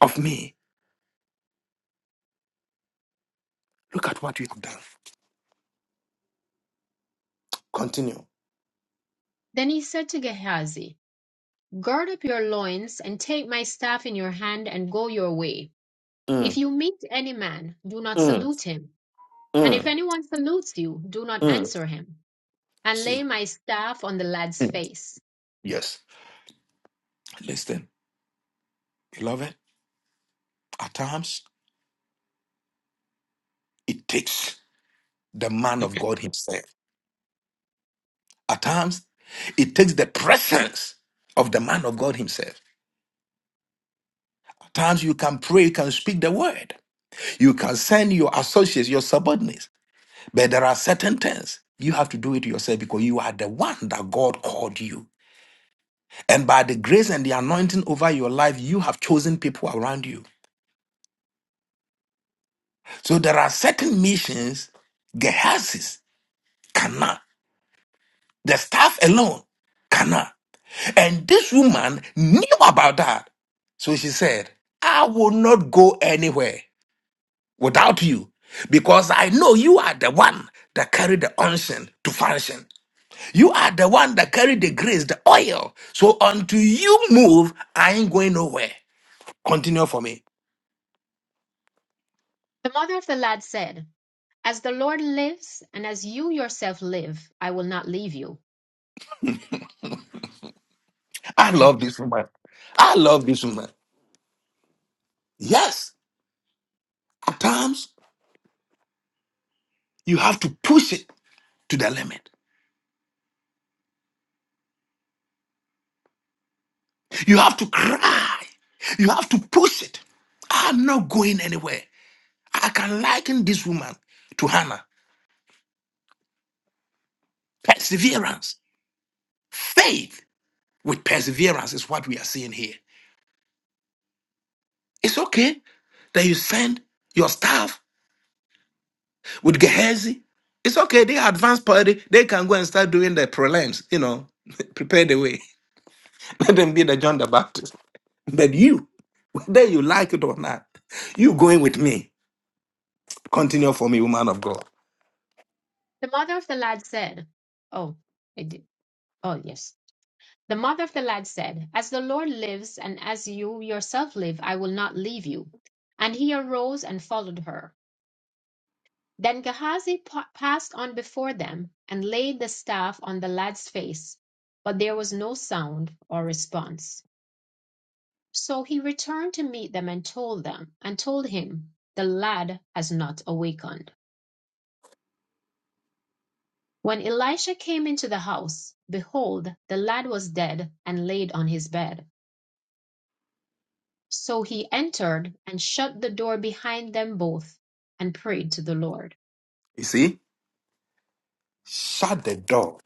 Speaker 1: of me. Look at what you have done. Continue.
Speaker 2: Then he said to Gehazi, Gird up your loins, and take my staff in your hand, and go your way. If
Speaker 1: Mm,
Speaker 2: you meet any man, do not
Speaker 1: mm,
Speaker 2: salute him. And if
Speaker 1: mm,
Speaker 2: anyone salutes you, do not
Speaker 1: mm.
Speaker 2: answer him. And
Speaker 1: See?
Speaker 2: lay my staff on the lad's
Speaker 1: Mm.
Speaker 2: face.
Speaker 1: Yes. Listen, beloved, at times it takes the man of God himself. At times it takes the presence of the man of God himself. At times you can pray, you can speak the word. You can send your associates, your subordinates, but there are certain things you have to do it yourself because you are the one that God called you. And by the grace and the anointing over your life, you have chosen people around you. So there are certain missions Gehazi cannot. The staff alone cannot. And this woman knew about that. So she said, I will not go anywhere without you because I know you are the one that carry the unction to function. You are the one that carried the grace, the oil. So until you move, I ain't going nowhere. Continue for me.
Speaker 2: The mother of the lad said, As the Lord lives, and as you yourself live, I will not leave you.
Speaker 1: I love this woman. I love this woman. Yes, at times you have to push it to the limit. You have to cry. You have to push it. I'm not going anywhere. I can liken this woman to Hannah. Perseverance, faith with perseverance is what we are seeing here. It's okay that you send your staff with Gehazi. It's okay. They are advanced party. They can go and start doing the prelims. You know, prepare the way. Let them be the John the Baptist. But you, whether you like it or not, you going with me. Continue for me, woman of God.
Speaker 2: The mother of the lad said, Oh, I did. Oh, yes. The mother of the lad said, As the Lord lives, and as you yourself live, I will not leave you. And he arose and followed her. Then Gehazi pa- passed on before them and laid the staff on the lad's face, but there was no sound or response. So he returned to meet them and told them, and told him, The lad has not awakened. When Elisha came into the house, behold, the lad was dead and laid on his bed. So he entered and shut the door behind them both and prayed to the Lord.
Speaker 1: You see, shut the door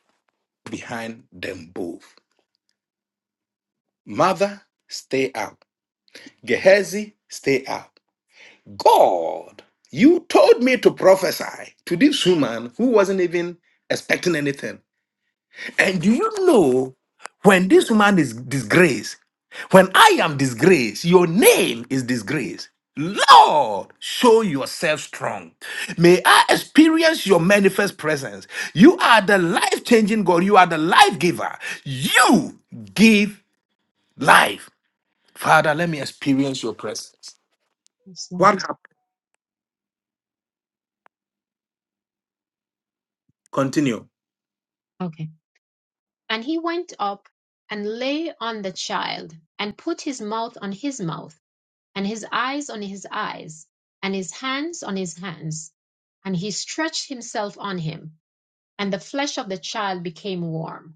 Speaker 1: behind them both. Mother, stay out. Gehazi, stay out. God, you told me to prophesy to this woman who wasn't even expecting anything. And do you know when this woman is disgraced, when I am disgraced, your name is disgraced. Lord, show yourself strong. May I experience your manifest presence. You are the life changing God. You are the life giver. You give life. Father, let me experience your presence.
Speaker 2: Yes,
Speaker 1: What happened? Continue.
Speaker 2: Okay. And he went up and lay on the child and put his mouth on his mouth and his eyes on his eyes and his hands on his hands. And he stretched himself on him, and the flesh of the child became warm.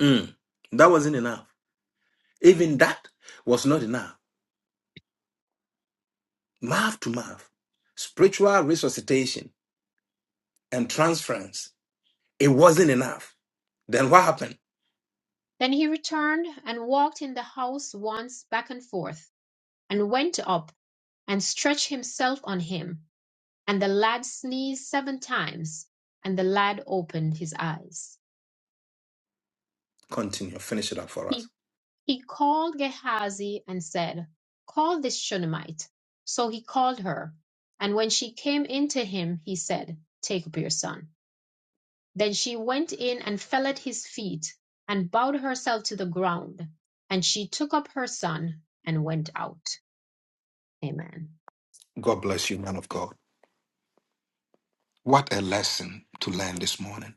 Speaker 1: Mm, that wasn't enough. Even that was not enough. Mouth to mouth spiritual resuscitation. and transference, it wasn't enough. Then what happened?
Speaker 2: Then he returned and walked in the house once back and forth and went up and stretched himself on him And the lad sneezed seven times, and the lad opened his eyes.
Speaker 1: Continue. Finish it up for us.
Speaker 2: He, he called Gehazi and said, Call this Shunammite. So he called her. And when she came in to him, he said, Take up your son. Then she went in and fell at his feet and bowed herself to the ground. And she took up her son and went out. Amen.
Speaker 1: God bless you, man of God. What a lesson to learn this morning.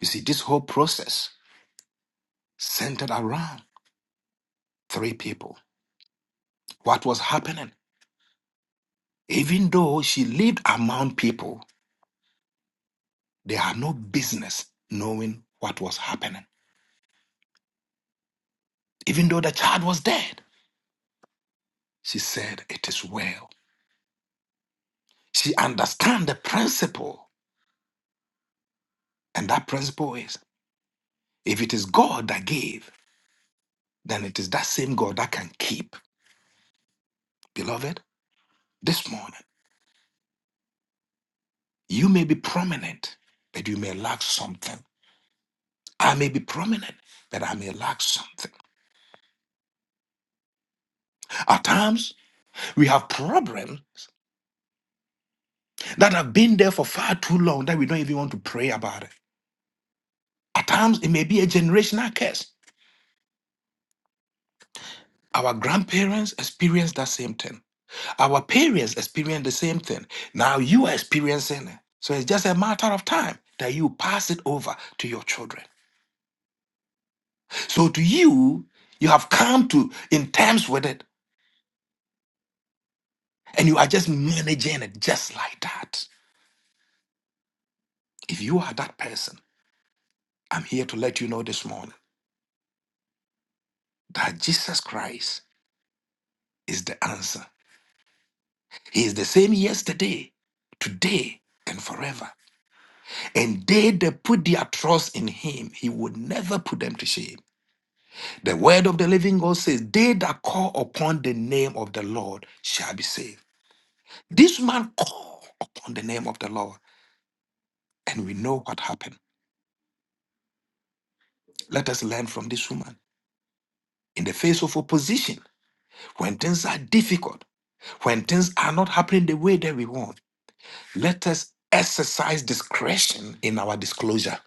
Speaker 1: You see, this whole process centered around three people. What was happening? Even though she lived among people, they had no business knowing what was happening. Even though the child was dead, she said, It is well. She understands the principle, and that principle is if it is God that gave, then it is that same God that can keep. Beloved, this morning, you may be prominent, but you may lack something. I may be prominent, but I may lack something. At times, we have problems that have been there for far too long that we don't even want to pray about it. At times, it may be a generational curse. Our grandparents experienced that same thing. Our parents experienced the same thing. Now you are experiencing it. So it's just a matter of time that you pass it over to your children. So to you, you have come to in terms with it, and you are just managing it just like that. If you are that person, I'm here to let you know this morning that Jesus Christ is the answer. He is the same yesterday, today, and forever. And they that put their trust in him, he would never put them to shame. The word of the living God says, They that call upon the name of the Lord shall be saved. This man called upon the name of the Lord, and we know what happened. Let us learn from this woman. In the face of opposition, when things are difficult, when things are not happening the way that we want, let us exercise discretion in our disclosure.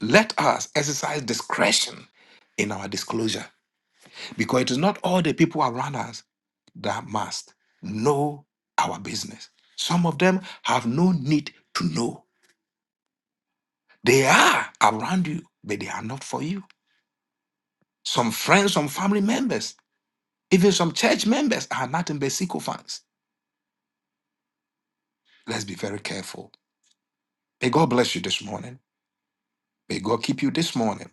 Speaker 1: Let us exercise discretion in our disclosure because it is not all the people around us that must know our business. Some of them have no need to know. They are around you, but they are not for you. Some friends, some family members, Even some church members are nothing but sycophants. Let's be very careful. May God bless you this morning. May God keep you this morning.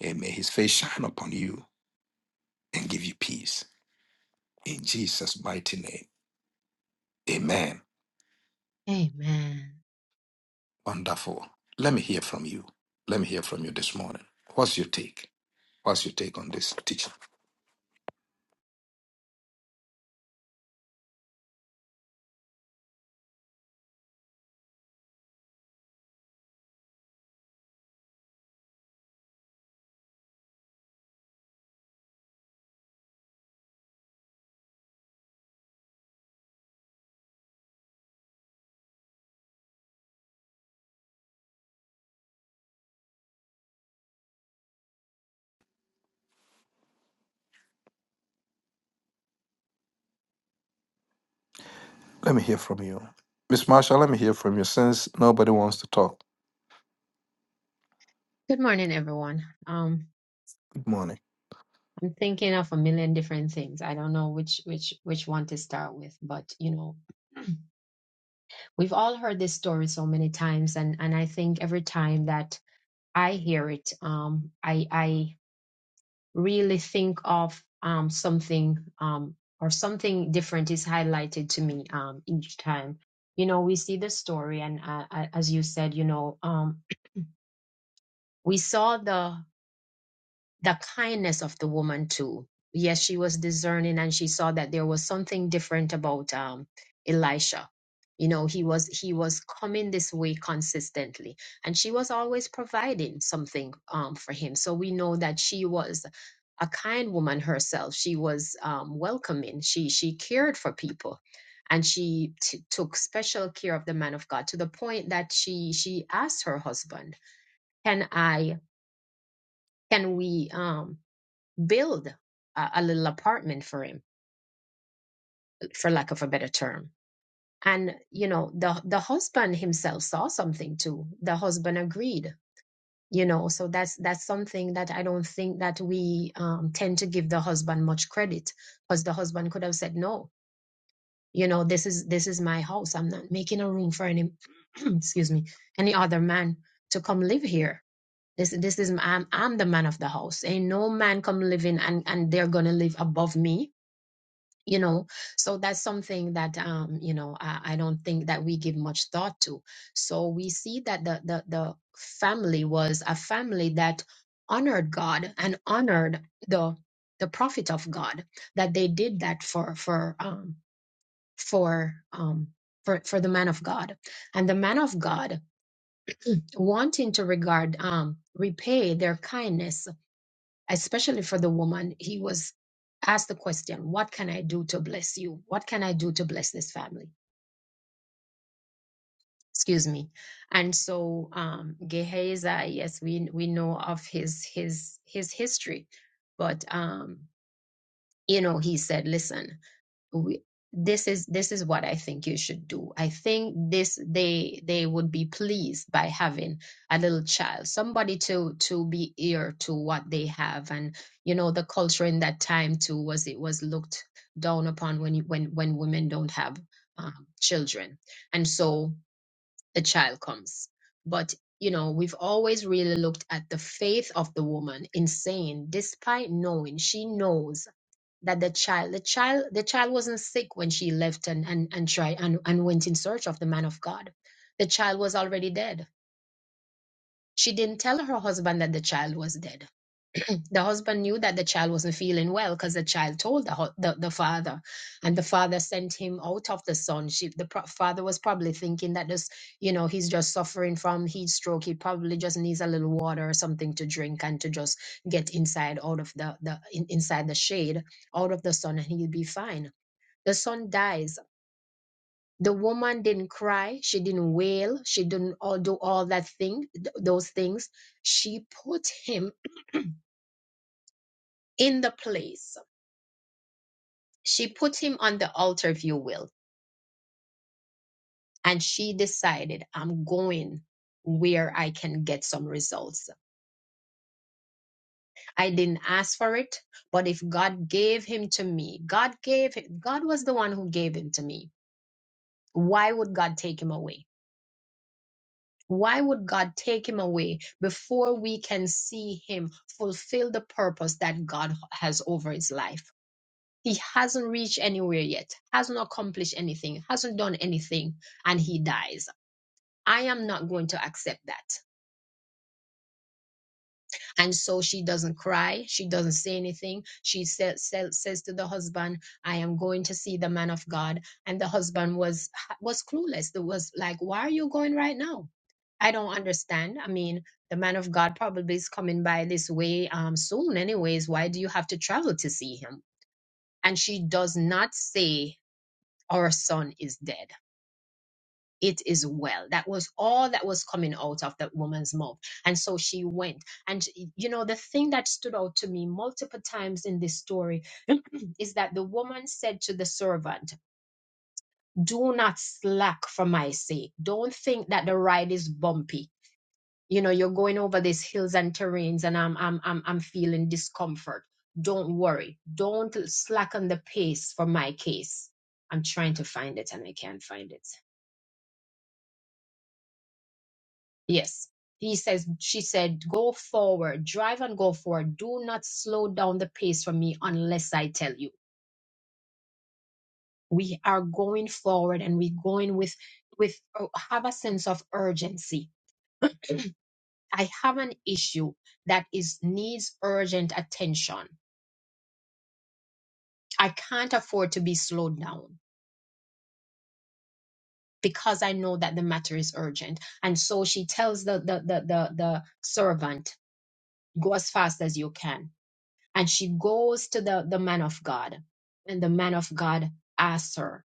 Speaker 1: And may his face shine upon you and give you peace. In Jesus' mighty name. Amen.
Speaker 2: Amen.
Speaker 1: Wonderful. Let me hear from you. Let me hear from you this morning. What's your take? What's your take on this teaching? Let me hear from you. Miss Marshall, let me hear from you since nobody wants to talk.
Speaker 2: Good morning, everyone.
Speaker 1: Good morning.
Speaker 2: I'm thinking of a million different things. I don't know which which which one to start with, but you know, we've all heard this story so many times, and and I think every time that I hear it, um, I I really think of um something um or something different is highlighted to me um each time. You know, we see the story, and uh, uh, as you said, you know, um, we saw the the kindness of the woman too. Yes, she was discerning and she saw that there was something different about um, Elisha. You know, he was he was coming this way consistently, and she was always providing something um, for him. So we know that she was a kind woman herself. She was um, welcoming. She she cared for people, and she t- took special care of the man of God to the point that she she asked her husband, "Can I? Can we? Um, build a, a little apartment for him, for lack of a better term. And you know, the the husband himself saw something too. The husband agreed. You know, so that's that's something that I don't think that we um, tend to give the husband much credit, because the husband could have said no. You know, this is this is my house. I'm not making a room for any, excuse me, any other man to come live here. This this is I'm I'm the man of the house. Ain't no man come living and and they're gonna live above me you know so that's something that um you know I, I don't think that we give much thought to so we see that the the the family was a family that honored god and honored the the prophet of god that they did that for for um for um for, for the man of God. And the man of God wanting to regard, um, repay their kindness especially for the woman, he was asked the question, What can I do to bless you? What can I do to bless this family? Excuse me. And so um Gehazi, yes, we we know of his his his history, but um, you know, he said, Listen, we, this is this is what I think you should do. I think this they they would be pleased by having a little child, somebody to to be ear to what they have, and you know the culture in that time too was it was looked down upon when you, when when women don't have um, children, and so the child comes. But you know we've always really looked at the faith of the woman in saying, despite knowing she knows that the child the child the child wasn't sick when she left and and and tried and, and went in search of the man of god the child was already dead she didn't tell her husband that the child was dead the husband knew that the child wasn't feeling well because the child told the, hu- the the father and the father sent him out of the son she the pro- father was probably thinking that this you know he's just suffering from heat stroke he probably just needs a little water or something to drink and to just get inside out of the the in, inside the shade out of the sun and he'll be fine the son dies. The woman didn't cry. She didn't wail. She didn't all do all that thing, th- those things. She put him in the place. She put him on the altar, if you will, and she decided, I'm going where I can get some results. I didn't ask for it, but if God gave him to me, God gave him, God was the one who gave him to me. Why would God take him away? Why would God take him away before we can see him fulfill the purpose that God has over his life? He hasn't reached anywhere yet, hasn't accomplished anything, hasn't done anything, and he dies. I am not going to accept that. And so she doesn't cry. She doesn't say anything. She sa- sa- says to the husband, I am going to see the man of God. And the husband was, was clueless. There was like, why are you going right now? I don't understand. I mean, the man of God probably is coming by this way um, soon anyways. Why do you have to travel to see him? And she does not say, our son is dead it is well. That was all that was coming out of that woman's mouth. And so she went. And, you know, the thing that stood out to me multiple times in this story is that the woman said to the servant, Do not slack for my sake. Don't think that the ride is bumpy. You know, you're going over these hills and terrains and I'm I'm I'm I'm feeling discomfort. Don't worry. Don't slacken the pace for my case. I'm trying to find it and I can't find it. Yes. He says, she said, go forward, drive and go forward. Do not slow down the pace for me unless I tell you. We are going forward and we're going with, with, uh, have a sense of urgency. I have an issue that is needs urgent attention. I can't afford to be slowed down because I know that the matter is urgent. And so she tells the, the, the, the, the servant, go as fast as you can and she goes to the, the man of God. And the man of God asks her,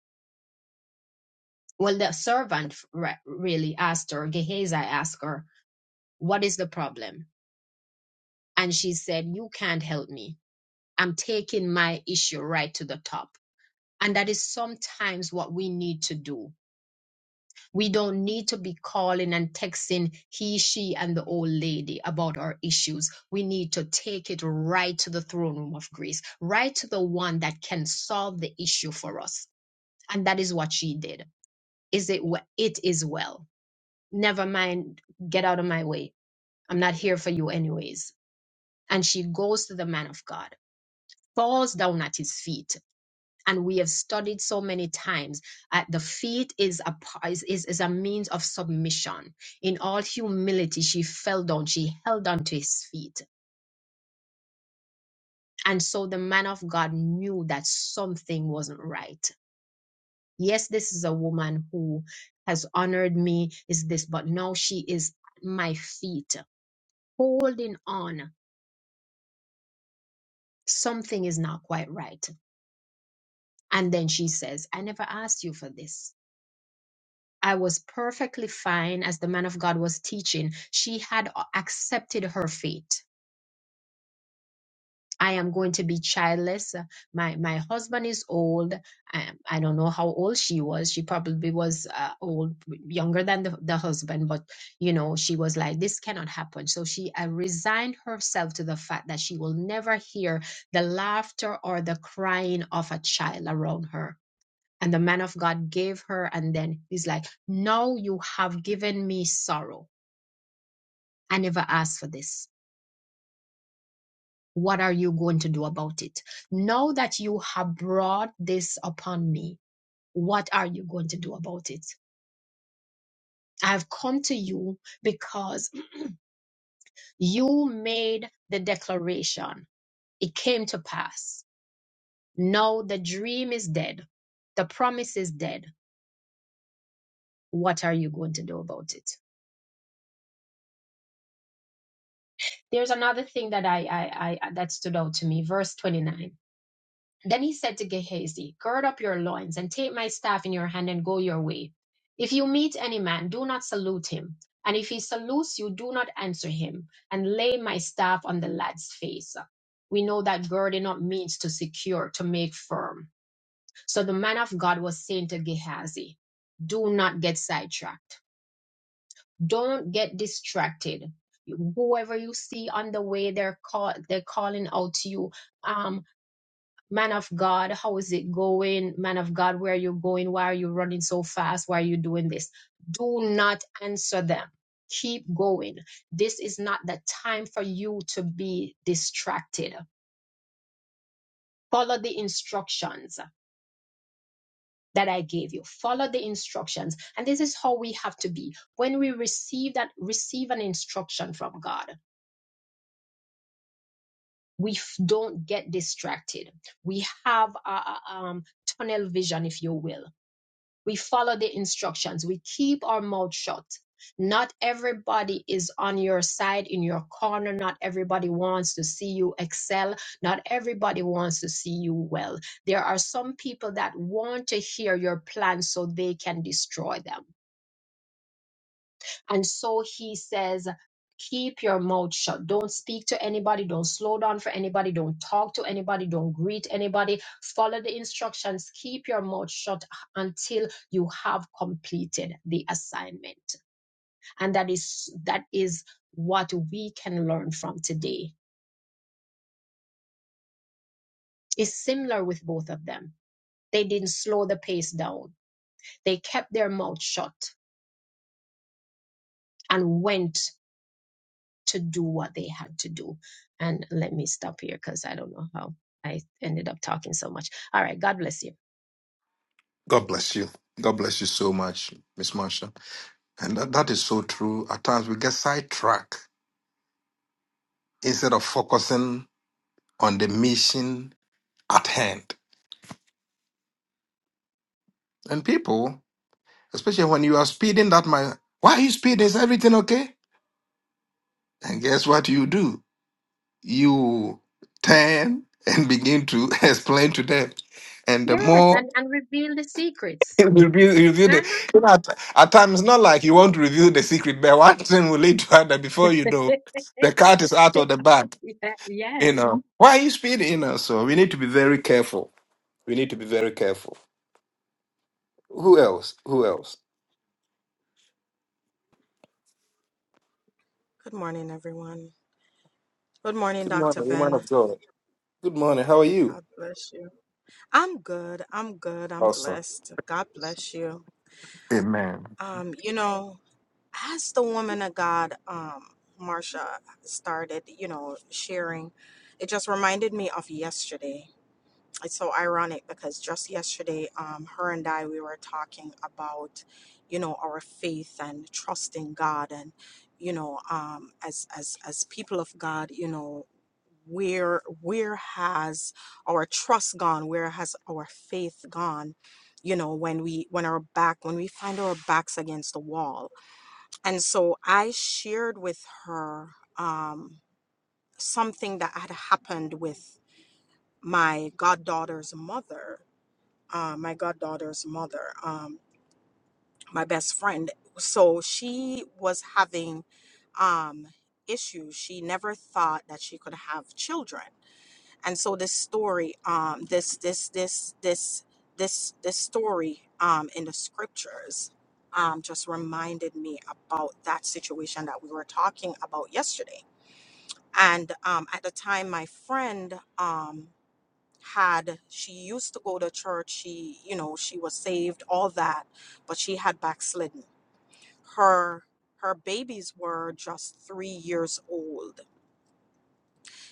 Speaker 2: well, the servant re- really asked her, Gehazi asked her, what is the problem? And she said, you can't help me. I'm taking my issue right to the top. And that is sometimes what we need to do. We don't need to be calling and texting he, she, and the old lady about our issues. We need to take it right to the throne room of grace, right to the one that can solve the issue for us and that is what she did is it we- it is well never mind get out of my way i'm not here for you anyways and she goes to the man of god falls down at his feet and we have studied so many times at the feet is a pa- is, is, is a means of submission in all humility she fell down she held on to his feet and so the man of god knew that something wasn't right yes, this is a woman who has honored me, is this, but now she is at my feet holding on. Something is not quite right. And then she says, I never asked you for this. I was perfectly fine as the man of God was teaching. She had uh, accepted her fate I am going to be childless. Uh, My my husband is old. I, I don't know how old she was. She probably was uh, old, younger than the, the husband, but you know, she was like, this cannot happen. So she uh, resigned herself to the fact that she will never hear the laughter or the crying of a child around her. And the man of God gave her, and then he's like, Now you have given me sorrow. I never asked for this What are you going to do about it? Now that you have brought this upon me, what are you going to do about it? I've come to you because you made the declaration. It came to pass. Now the dream is dead. The promise is dead. What are you going to do about it? There's another thing that I, I, I that stood out to me, verse 29 Then he said to Gehazi, Gird up your loins, and take my staff in your hand, and go your way. If you meet any man, do not salute him. And if he salutes you, do not answer him, and lay my staff on the lad's face. We know that girding up means to secure, to make firm. So the man of God was saying to Gehazi, Do not get sidetracked. Don't get distracted. Whoever you see on the way, they're call, they're calling out to you. Um, man of God, how is it going? Man of God, where are you going? Why are you running so fast? Why are you doing this? Do not answer them. Keep going. This is not the time for you to be distracted. Follow the instructions that I gave you. Follow the instructions. And this is how we have to be. When we receive that, receive an instruction from God. We f- don't get distracted. We have a, a- um, tunnel vision, if you will We follow the instructions. We keep our mouth shut. Not everybody is on your side, in your corner. Not everybody wants to see you excel. Not everybody wants to see you well. There are some people that want to hear your plans so they can destroy them. And so he says, keep your mouth shut. Don't speak to anybody. Don't slow down for anybody. Don't talk to anybody. Don't greet anybody. Follow the instructions. Keep your mouth shut until you have completed the assignment. And that is, that is what we can learn from today. It's similar with both of them. They didn't slow the pace down. They kept their mouth shut and went to do what they had to do. And let me stop here because I don't know how I ended up talking so much. All right, God bless you.
Speaker 1: God bless you. God bless you so much, Miss Marshall. And that, that is so true. At times we get sidetracked instead of focusing on the mission at hand. And people, especially when you are speeding, that might, why are you speeding? Is everything okay? And guess what you do? You turn and begin to explain to them. And the
Speaker 2: Yes,
Speaker 1: more
Speaker 2: and, and reveal the secrets.
Speaker 1: you review, review the, you know, at, at times, it's not like you want to review the secret, but one thing will lead to another before you know the cat is out of the bag.
Speaker 2: Yeah,
Speaker 1: You
Speaker 2: yes.
Speaker 1: know, why are you speed? You know, so we need to be very careful. We need to be very careful. Who else? Who else?
Speaker 5: Good morning, everyone. Good morning,
Speaker 1: Good
Speaker 5: Dr.
Speaker 1: morning, woman
Speaker 5: Ben.
Speaker 1: of God. Good morning. How are you?
Speaker 5: God bless you. I'm good. I'm good. I'm
Speaker 1: Awesome.
Speaker 5: blessed. God bless you.
Speaker 1: Amen.
Speaker 5: Um, you know, as the woman of God, um, Marsha started, you know, sharing, it just reminded me of yesterday it's so ironic because just yesterday, um, her and I we were talking about, you know, our faith and trusting God, and you know, um, as as as people of God, you know, where where has our trust gone? Where has our faith gone? You know, when we when our back when we find our backs against the wall, and so I shared with her um, something that had happened with my goddaughter's mother uh, my goddaughter's mother, um, my best friend. So she was having um, issues. She never thought that she could have children, and so this story, um, this this this this this this story um, in the scriptures. Um, just reminded me about that situation that we were talking about yesterday. And um, at the time, my friend, um, had she used to go to church she you know she was saved all that but she had backslidden her her babies were just three years old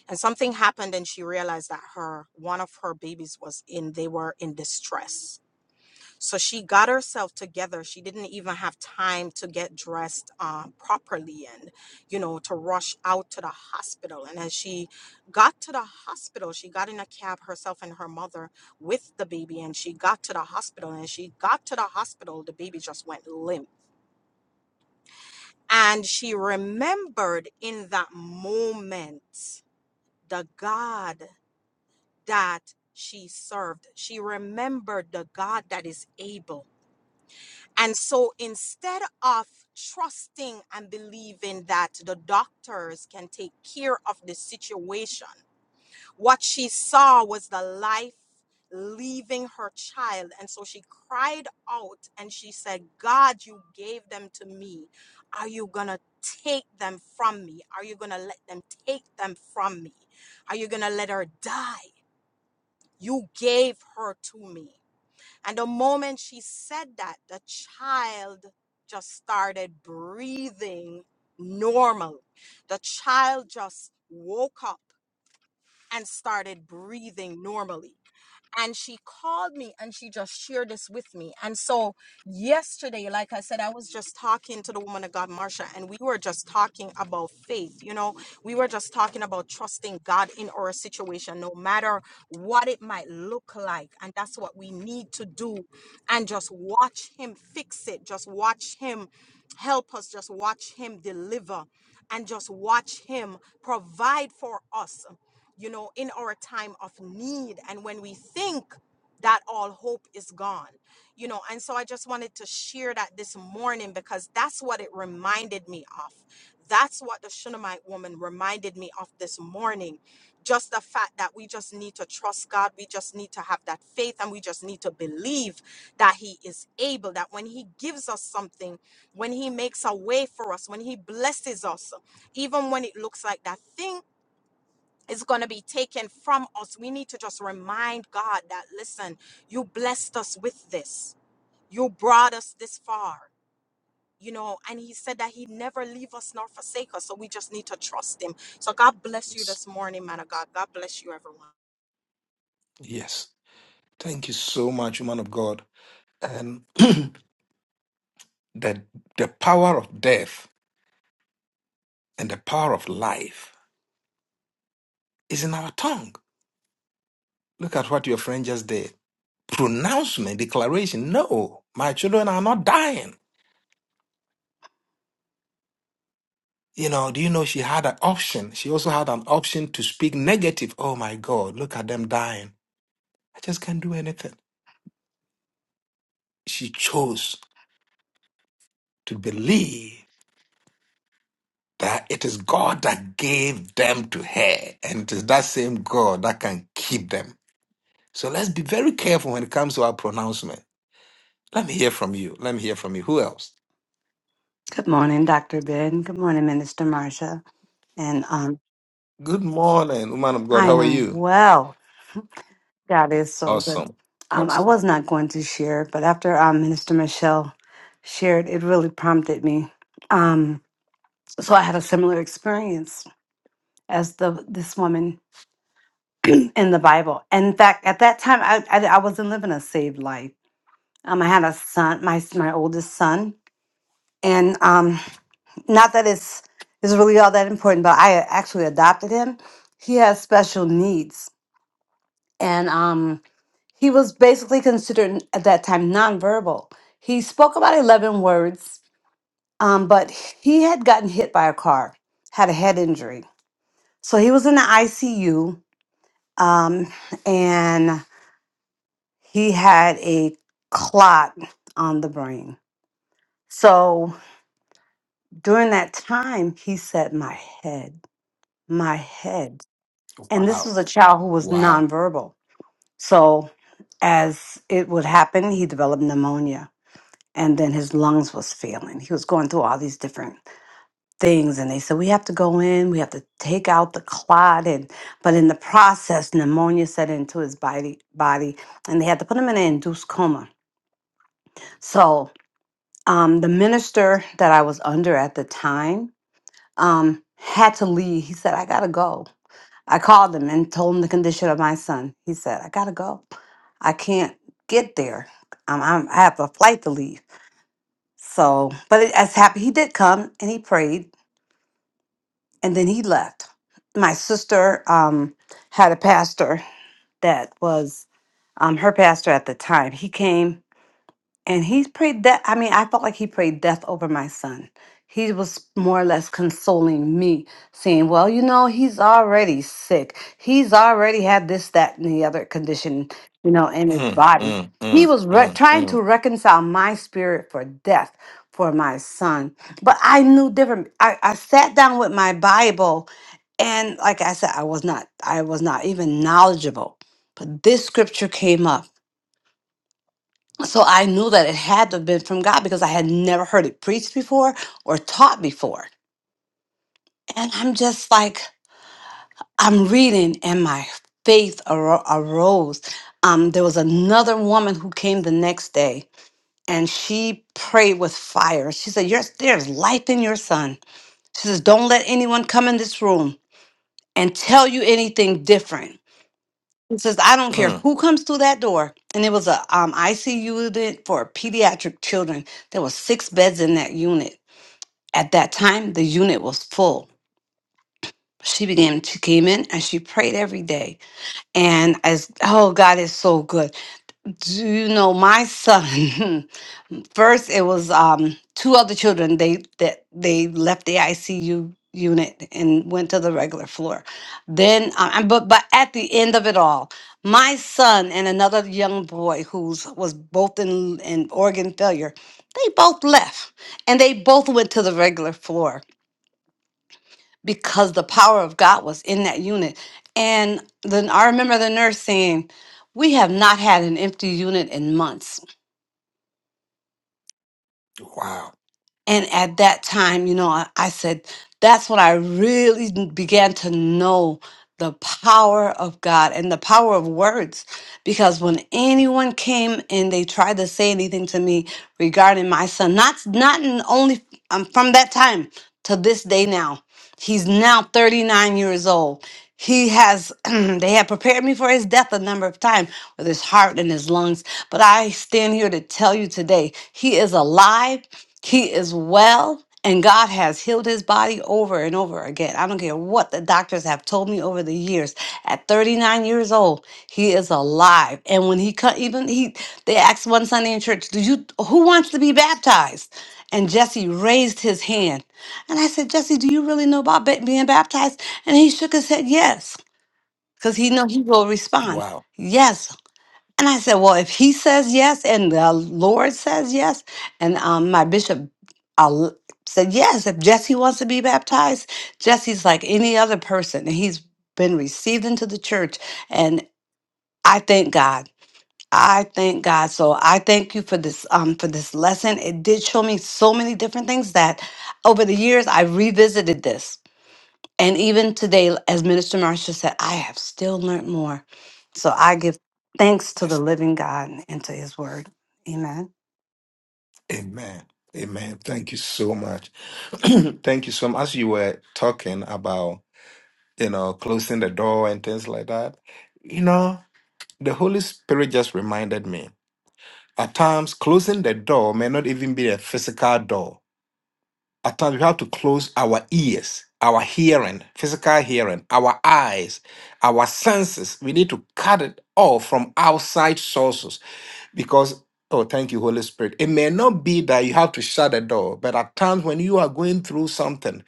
Speaker 5: and something happened and she realized that her one of her babies was in they were in distress so she got herself together. She didn't even have time to get dressed uh, properly and, you know, to rush out to the hospital. And as she got to the hospital, she got in a cab herself and her mother with the baby. And she got to the hospital. And she got to the hospital, the baby just went limp. And she remembered in that moment the God that she served. She remembered the God that is able. And so instead of trusting and believing that the doctors can take care of the situation, what she saw was the life leaving her child. And so she cried out and she said, God, you gave them to me. Are you going to take them from me? Are you going to let them take them from me? Are you going to let her die? You gave her to me. And the moment she said that, the child just started breathing normal. The child just woke up and started breathing normally. And she called me and she just shared this with me. And so, yesterday, like I said, I was just talking to the woman of God, Marsha, and we were just talking about faith. You know, we were just talking about trusting God in our situation, no matter what it might look like. And that's what we need to do. And just watch Him fix it, just watch Him help us, just watch Him deliver, and just watch Him provide for us you know, in our time of need and when we think that all hope is gone, you know. And so I just wanted to share that this morning because that's what it reminded me of. That's what the Shunammite woman reminded me of this morning. Just the fact that we just need to trust God, we just need to have that faith, and we just need to believe that He is able, that when He gives us something, when He makes a way for us, when He blesses us, even when it looks like that thing is going to be taken from us. We need to just remind God that, listen, you blessed us with this. You brought us this far, you know, and He said that He'd never leave us nor forsake us. So we just need to trust Him. So God bless you
Speaker 1: Yes.
Speaker 5: this morning, man of God. God bless you, everyone.
Speaker 1: Yes. Thank you so much, woman of God. And the the power of death and the power of life is in our tongue. Look at what your friend just did. Pronouncement, declaration. No, my children are not dying. You know, do you know she had an option? She also had an option to speak negative. Oh my God, look at them dying. I just can't do anything. She chose to believe that it is God that gave them to her, and it is that same God that can keep them. So let's be very careful when it comes to our pronouncement. Let me hear from you. Let me hear from you. Who else?
Speaker 7: Good morning, Dr. Ben. Good morning, Minister Marsha. And um,
Speaker 1: Good morning, woman of God.
Speaker 7: I
Speaker 1: How are
Speaker 7: am
Speaker 1: you?
Speaker 7: well. God is so good.
Speaker 1: Awesome.
Speaker 7: Um, I
Speaker 1: Awesome.
Speaker 7: was not going to share, but after um, Minister Michelle shared, it really prompted me. Um, so I had a similar experience as the this woman in the Bible. And in fact, at that time, I, I, I wasn't living a saved life. Um, I had a son, my my oldest son, and um, not that it's it's really all that important, but I actually adopted him. He has special needs, and um, he was basically considered at that time nonverbal. He spoke about eleven words, um, but he had gotten hit by a car, had a head injury, so he was in the ICU, um, and he had a clot on the brain. So during that time, he said, "My head, my head." And this
Speaker 1: Wow.
Speaker 7: was a child who was
Speaker 1: Wow.
Speaker 7: nonverbal. So, as it would happen, he developed pneumonia and then his lungs was failing. He was going through all these different things and they said we have to go in, we have to take out the clot and but in the process pneumonia set into his body body and they had to put him in an induced coma. So, um, the minister that I was under at the time um, had to leave. He said, I gotta go. I called him and told him the condition of my son. He said, I gotta go. I can't get there. I'm, I'm, I have a flight to leave. So, but it, as happy he did come and he prayed and then he left. My sister um, had a pastor that was um, her pastor at the time. He came and he prayed that i mean i felt like he prayed death over my son he was more or less consoling me saying well you know he's already sick he's already had this that and the other condition you know in his
Speaker 1: Mm,
Speaker 7: body
Speaker 1: mm,
Speaker 7: he
Speaker 1: mm,
Speaker 7: was re-
Speaker 1: mm,
Speaker 7: trying to
Speaker 1: mm,
Speaker 7: reconcile my spirit for death for my son but i knew different I, I sat down with my bible and like i said i was not i was not even knowledgeable but this scripture came up so I knew that it had to have been from God because I had never heard it preached before or taught before. And I'm just like, I'm reading and my faith aro- arose. Um, there was another woman who came the next day and she prayed with fire. She said, Your There's life in your son. She says, Don't let anyone come in this room and tell you anything different. He says, I don't care
Speaker 1: mm.
Speaker 7: who comes through that door. And it was a um, ICU unit for pediatric children. There was six beds in that unit. At that time, the unit was full. She began, she came in and she prayed every day. And as, oh, God is so good. Do you know my son? First, it was um, two other children. They that they left the ICU unit and went to the regular floor. Then, uh, and- but but at the end of it all, my son and another young boy who's was both in in organ failure, they both left, and they both went to the regular floor because the power of God was in that unit. And then I remember the nurse saying, "We have not had an empty unit in months."
Speaker 1: Wow.
Speaker 7: And at that time, you know, I, I said, that's when I really n- began to know the power of God and the power of words. Because when anyone came and they tried to say anything to me regarding my son, not not in only um, from that time to this day now, he's now 39 years old. He has, they have prepared me for his death a number of times with his heart and his lungs. But I stand here to tell you today, he is alive he is well, and God has healed his body over and over again. I don't care what the doctors have told me over the years. At 39 years old, he is alive. And when he cut, even he, they asked one Sunday in church, "Do you who wants to be baptized?" And Jesse raised his hand, and I said, "Jesse, do you really know about ba- being baptized?" And he shook his head, "Yes," because he know he will respond.
Speaker 1: Wow.
Speaker 7: Yes, and I said, well, if he says yes and the Lord says yes, and um, my bishop uh, said yes, if Jesse wants to be baptized, Jesse's like any other person, and he's been received into the church. And I thank God. I thank God. So I thank you for this um, for this lesson. It did show me so many different things that over the years I revisited this and even today, as Minister Marcia said, I have still learned more. So I give thanks to the
Speaker 1: Yes.
Speaker 7: living God and to his word. Amen.
Speaker 1: Amen. Amen. Thank you so much. Thank you so much. As you were talking about, you know, closing the door and things like that, you know, the Holy Spirit just reminded me. At times, closing the door may not even be a physical door. At times, we have to close our ears, our hearing, physical hearing, our eyes, our senses. We need to cut it off from outside sources because oh thank you holy spirit it may not be that you have to shut the door but at times when you are going through something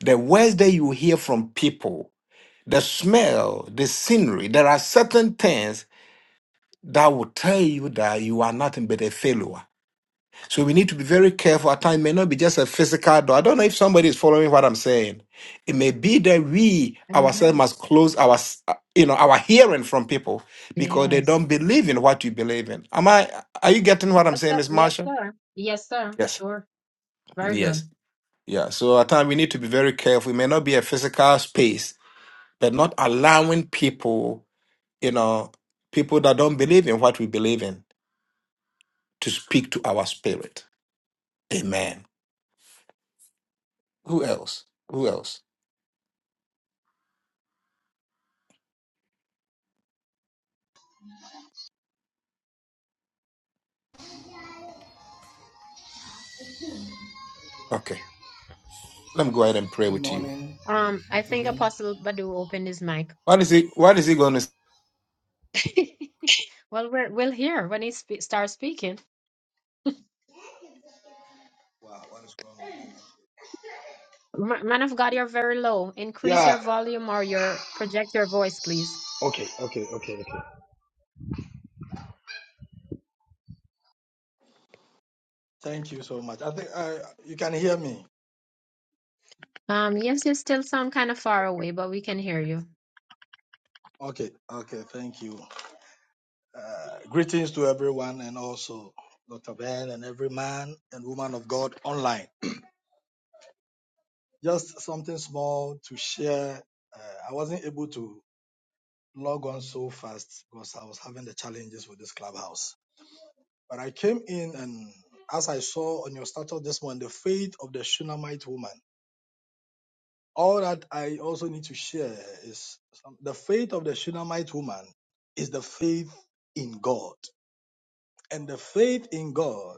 Speaker 1: the words that you hear from people the smell the scenery there are certain things that will tell you that you are nothing but a failure so we need to be very careful. Our time may not be just a physical door. I don't know if somebody is following what I'm saying. It may be that we
Speaker 2: uh
Speaker 1: ourselves must close our, s- uh, you know, our hearing from people because they
Speaker 2: Yes.
Speaker 1: don't believe in what you believe in. Am I? Are you getting what I'm
Speaker 2: Yes,
Speaker 1: saying,
Speaker 2: sir.
Speaker 1: Miss
Speaker 2: Yes,
Speaker 1: Marsha?
Speaker 2: sir. Yes, sir.
Speaker 1: Yes.
Speaker 2: Sure. Very good.
Speaker 1: Yes. Yeah. So at time we need to be very careful. It may not be a physical space, but not allowing people, you know, people that don't believe in what we believe in, to speak to our spirit. Amen. Who else? Who else? Okay. Let me go ahead and pray
Speaker 8: Good
Speaker 1: with you.
Speaker 8: morning,
Speaker 2: Um, I
Speaker 8: Dr.
Speaker 2: think
Speaker 8: Ben.
Speaker 2: Apostle Badu opened his mic.
Speaker 1: What is he? What is he going to? Say?
Speaker 2: Well, we're, we'll hear when he spe starts speaking.
Speaker 8: Wow, what is wrong with you?
Speaker 2: Ma- Man of God, you're very low. Increase your
Speaker 8: Yeah,
Speaker 2: volume or your project your voice, please.
Speaker 8: okay, okay, okay, okay. Thank you so much. I think uh, you can hear me.
Speaker 2: Um, yes, you still sound kind of far away, but we can hear you.
Speaker 8: Okay, okay, thank you. Uh, greetings to everyone and also Dr. Ben and every man and woman of God online. Just something small to share. Uh, I wasn't able to log on so fast because I was having the challenges with this clubhouse. But I came in and as I saw on your status this morning, the faith of the Shunammite woman. all that I also need to share is some, the faith of the Shunammite woman is the faith in God. And the faith in God,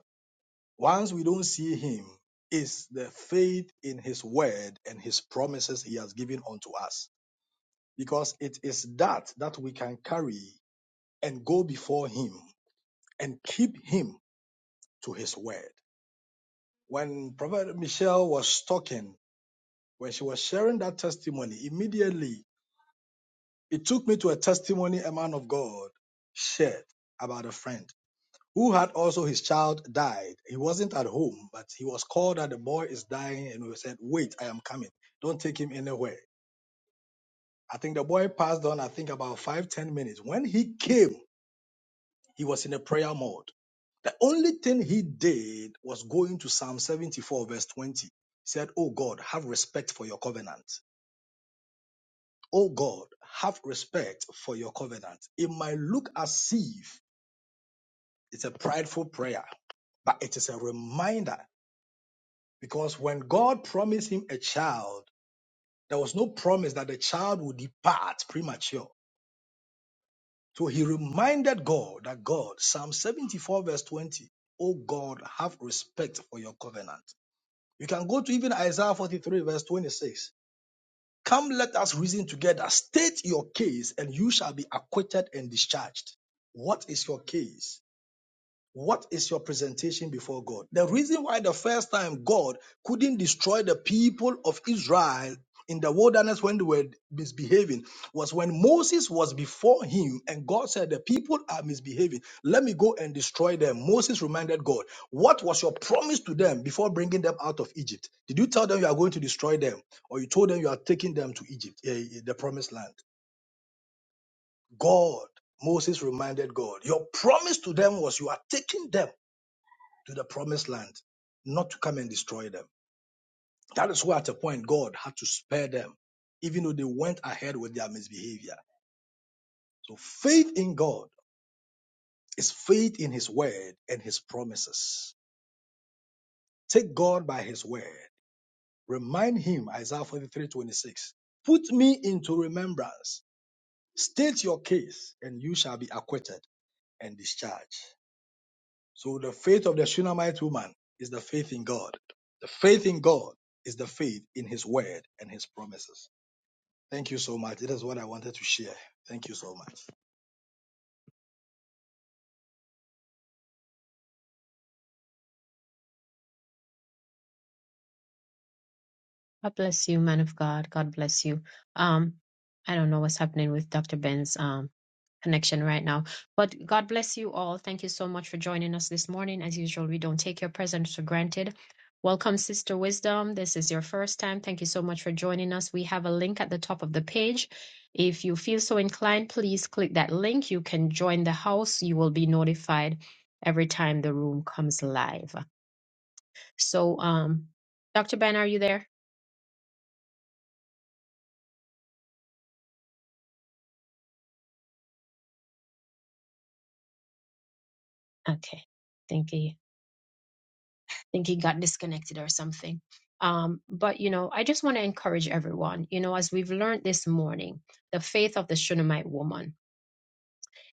Speaker 8: once we don't see Him, is the faith in His word and His promises He has given unto us. Because it is that that we can carry and go before Him and keep Him to His word. When Prophet Michelle was talking, when she was sharing that testimony, immediately It took me to a testimony a man of God shared about a friend who had also his child died. He wasn't at home, but he was called that the boy is dying, and we said, "Wait, I am coming. Don't take him anywhere." I think the boy passed on. I think about five ten minutes. When he came, he was in a prayer mode. The only thing he did was going to Psalm 74, verse 20. He said, Oh God, have respect for your covenant. Oh God, have respect for your covenant. It might look as if It's a prideful prayer, but it is a reminder because when God promised him a child, there was no promise that the child would depart premature. So he reminded God that God, Psalm 74, verse 20, O God, have respect for your covenant. You can go to even Isaiah 43, verse 26. Come, let us reason together. State your case, and you shall be acquitted and discharged. What is your case? What is your presentation before God? The reason why the first time God couldn't destroy the people of Israel in the wilderness when they were misbehaving was when Moses was before him and God said, The people are misbehaving. Let me go and destroy them. Moses reminded God, What was your promise to them before bringing them out of Egypt? Did you tell them you are going to destroy them or you told them you are taking them to Egypt, eh, eh, the promised land? God, Moses reminded God, Your promise to them was you are taking them to the promised land, not to come and destroy them. That is why at a point God had to spare them, even though they went ahead with their misbehavior. So faith in God is faith in his word and his promises. Take God by his word. Remind him, Isaiah 43 26. Put me into remembrance. State your case, and you shall be acquitted and discharged. So the faith of the Shunammite woman is the faith in God. The faith in God is the faith in His word and His promises. Thank you so much. That is what I wanted to share. Thank you so much.
Speaker 2: God bless you, man of God. God bless you. Um, I don't know what's happening with Dr. Ben's um connection right now, but God bless you all. Thank you so much for joining us this morning. As usual, we don't take your presence for granted. Welcome, Sister Wisdom. This is your first time. Thank you so much for joining us. We have a link at the top of the page. If you feel so inclined, please click that link. You can join the house. You will be notified every time the room comes live. So, um, Dr. Ben, are you there? Okay. Think he think he got disconnected or something. Um, but you know, I just want to encourage everyone. You know, as we've learned this morning, the faith of the Shunammite woman.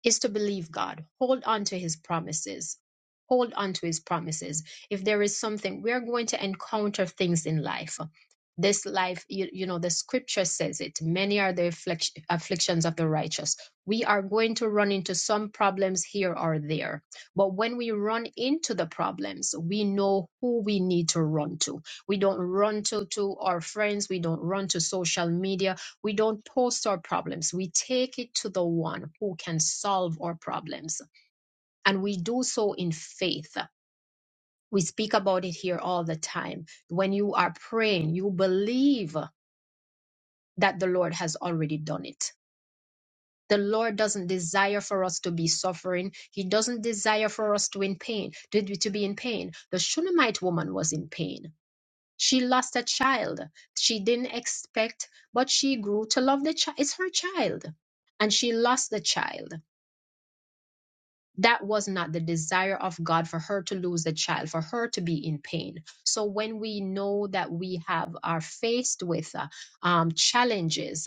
Speaker 2: is to believe God, hold on to his promises. Hold on to his promises. If there is something, we are going to encounter things in life. This life, you, you know, the scripture says it. Many are the afflict- afflictions of the righteous. We are going to run into some problems here or there. But when we run into the problems, we know who we need to run to. We don't run to, to our friends. We don't run to social media we don't post our problems. We take it to the one who can solve our problems. And we do so in faith. We speak about it here all the time. When you are praying, you believe that the Lord has already done it. The Lord doesn't desire for us to be suffering. He doesn't desire for us to in pain, to, to be in pain. The Shunammite woman was in pain. She lost a child. She didn't expect, but she grew to love the child. It's her child. And she lost the child that was not the desire of God for her to lose the child, for her to be in pain. So when we know that we have are faced with uh, um, challenges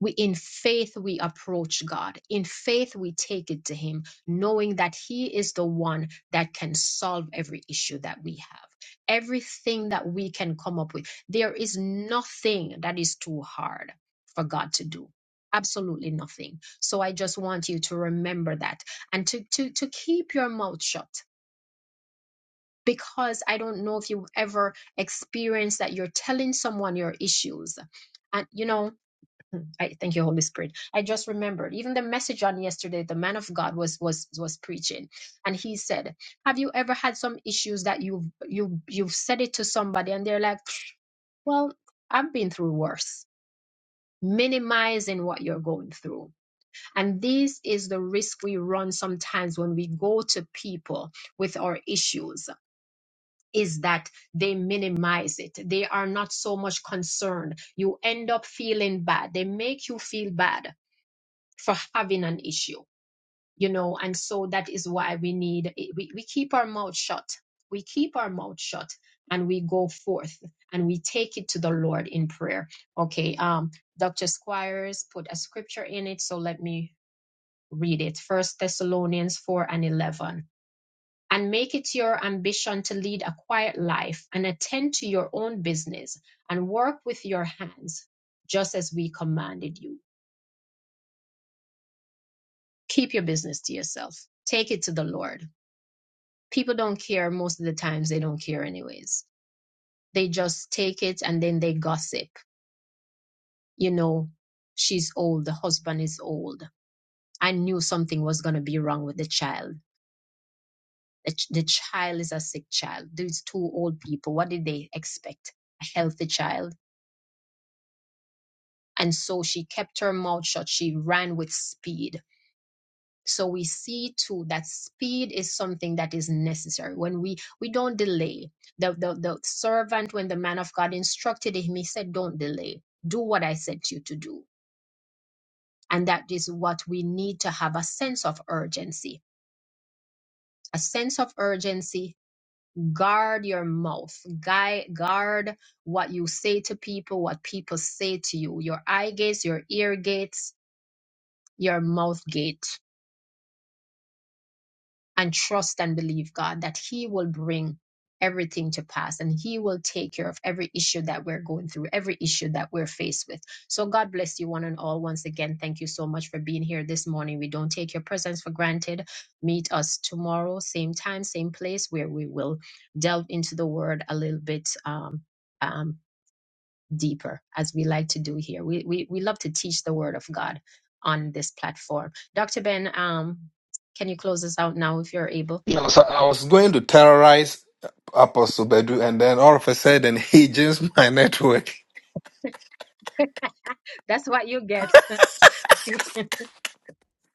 Speaker 2: we in faith we approach god in faith we take it to him knowing that he is the one that can solve every issue that we have everything that we can come up with there is nothing that is too hard for god to do absolutely nothing so i just want you to remember that and to to to keep your mouth shut because i don't know if you ever experienced that you're telling someone your issues and you know Mm, I thank you, Holy Spirit. I just remembered even the message on yesterday. The man of God was was was preaching, and he said, "Have you ever had some issues that you have you you've said it to somebody, and they're like, well, I've been through worse." Minimizing what you're going through. And this is the risk we run sometimes when we go to people with our issues is that they minimize it. They are not so much concerned. You end up feeling bad. They make you feel bad for having an issue you know and so that is why we need we, we keep our mouth shut we keep our mouth shut and we go forth and we take it to the lord in prayer okay um dr squires put a scripture in it so let me read it first thessalonians 4 and 11 and make it your ambition to lead a quiet life and attend to your own business and work with your hands just as we commanded you keep your business to yourself take it to the lord people don't care most of the times they don't care anyways they just take it and then they gossip you know she's old the husband is old i knew something was going to be wrong with the child the, ch- the child is a sick child these two old people what did they expect a healthy child and so she kept her mouth shut she ran with speed so we see too that speed is something that is necessary when we we don't delay the, the the servant when the man of god instructed him he said don't delay do what i sent you to do and that is what we need to have a sense of urgency a sense of urgency guard your mouth guy. guard what you say to people what people say to you your eye gates your ear gates your mouth gate and trust and believe God that He will bring everything to pass and He will take care of every issue that we're going through, every issue that we're faced with. So, God bless you one and all. Once again, thank you so much for being here this morning. We don't take your presence for granted. Meet us tomorrow, same time, same place, where we will delve into the Word a little bit. Um, um, deeper as we like to do here we, we we love to teach the word of god on this platform dr ben um can you close us out now if you're able
Speaker 1: You know, so I was going to terrorize Apostle Bedu, and then all of a sudden he changed my network.
Speaker 2: That's what you get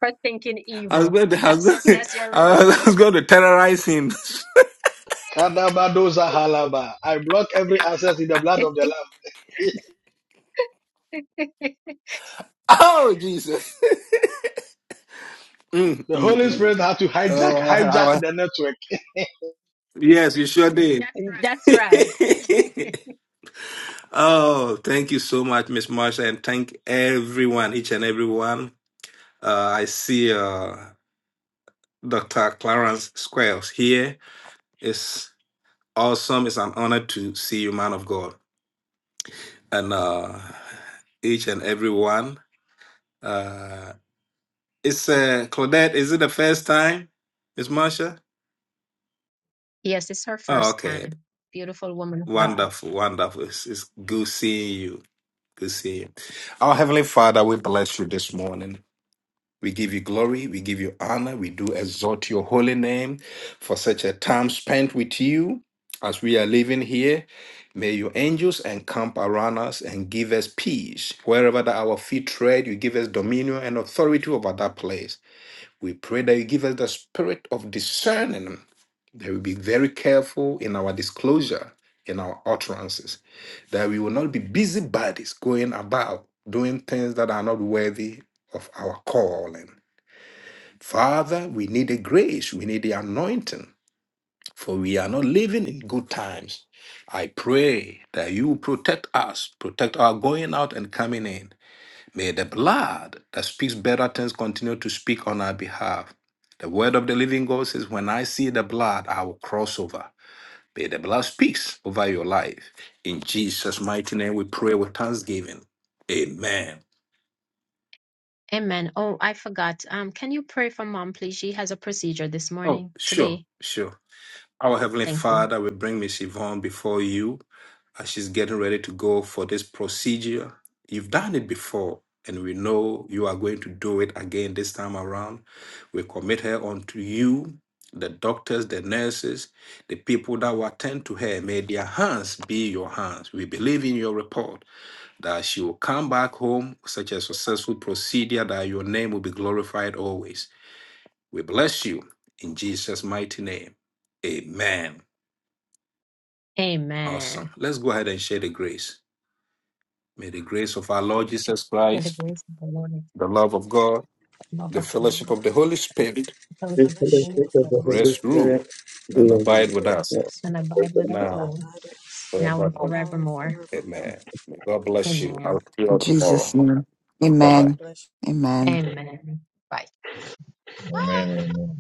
Speaker 2: for thinking
Speaker 1: I was
Speaker 2: evil.
Speaker 1: going to, I was going
Speaker 2: That's
Speaker 1: to,
Speaker 2: that's your
Speaker 1: I
Speaker 2: reward.
Speaker 1: was going to terrorize him.
Speaker 8: Kadabadoza halaba. I block every access in the blood of the Lamb.
Speaker 1: oh Jesus! Mm,
Speaker 8: The
Speaker 1: mm,
Speaker 8: Holy
Speaker 1: mm.
Speaker 8: Spirit had to hijack
Speaker 1: Oh, I
Speaker 8: hijack
Speaker 1: was-
Speaker 8: the network.
Speaker 1: yes, you sure did.
Speaker 2: that's right.
Speaker 1: oh, thank you so much, Miss Marsha, and thank everyone, each and everyone. Uh, I see uh, Dr. Clarence Squares here It's awesome. It's an honor to see you, man of God, and uh, each and every one. Uh, it's uh, Claudette. Is it the first time, Miss Marsha?
Speaker 2: Yes, it's her
Speaker 1: Oh,
Speaker 2: first
Speaker 1: okay.
Speaker 2: time. Beautiful woman of God.
Speaker 1: Wonderful, wonderful. It's, it's good seeing you. Good seeing you. Our Heavenly Father, we bless you this morning. We give you glory. We give you honor. We do exalt your holy name for such a time spent with you as we are living here. May your angels encamp around us and give us peace. Wherever that our feet tread, you give us dominion and authority over that place. We pray that you give us the spirit of discerning, that we be very careful in our disclosure, in our utterances, that we will not be busybodies going about doing things that are not worthy of our calling. Father, we need the grace, we need the anointing, for we are not living in good times. I pray that you protect us, protect our going out and coming in. May the blood that speaks better things continue to speak on our behalf. The word of the living God says, When I see the blood, I will cross over. May the blood speaks over your life. In Jesus' mighty name, we pray with thanksgiving. Amen.
Speaker 2: Amen. Oh, I forgot. Um, can you pray for mom, please? She has a procedure this
Speaker 1: Oh,
Speaker 2: morning,
Speaker 1: sure,
Speaker 2: today.
Speaker 1: sure. Our Heavenly
Speaker 2: Thank you.
Speaker 1: Father, we bring Miss Yvonne before you as she's getting ready to go for this procedure. You've done it before, and we know you are going to do it again this time around. We commit her unto you, the doctors, the nurses, the people that will attend to her. May their hands be your hands. We believe in your report that she will come back home with such a successful procedure that your name will be glorified always. We bless you in Jesus' mighty name. Amen. Awesome.
Speaker 2: Amen.
Speaker 1: Let's go ahead and share the grace. May the grace of our Lord Jesus
Speaker 2: May the
Speaker 1: Christ,
Speaker 2: grace of the Lord and
Speaker 1: the love of God,
Speaker 2: the love
Speaker 5: The
Speaker 1: the
Speaker 2: of
Speaker 5: love of
Speaker 1: fellowship
Speaker 2: God,
Speaker 1: of
Speaker 5: God,
Speaker 1: the Holy Spirit
Speaker 2: the
Speaker 5: the
Speaker 6: This is
Speaker 2: fellowship of the
Speaker 6: the
Speaker 5: fellowship
Speaker 2: Holy
Speaker 5: of
Speaker 6: gift
Speaker 5: the
Speaker 6: of the
Speaker 2: Spirit,
Speaker 5: Holy
Speaker 6: Holy
Speaker 1: rest,
Speaker 5: Spirit,
Speaker 1: rule,
Speaker 6: Spirit.
Speaker 1: and
Speaker 2: rest
Speaker 1: abide with us
Speaker 5: rest
Speaker 2: and
Speaker 5: with you
Speaker 2: abide with us
Speaker 5: and
Speaker 1: now
Speaker 2: all,
Speaker 5: abide with
Speaker 2: now
Speaker 1: forever.
Speaker 2: and
Speaker 5: you now and
Speaker 2: forevermore.
Speaker 5: forevermore.
Speaker 1: Amen. May God bless
Speaker 5: Amen.
Speaker 1: you. I'll
Speaker 2: Amen.
Speaker 1: see you all
Speaker 9: In Jesus'
Speaker 1: tomorrow.
Speaker 9: name.
Speaker 1: Bye
Speaker 5: God
Speaker 1: bye.
Speaker 9: Amen.
Speaker 5: bless you.
Speaker 9: Amen.
Speaker 2: Amen. Bye.
Speaker 3: Amen, amen.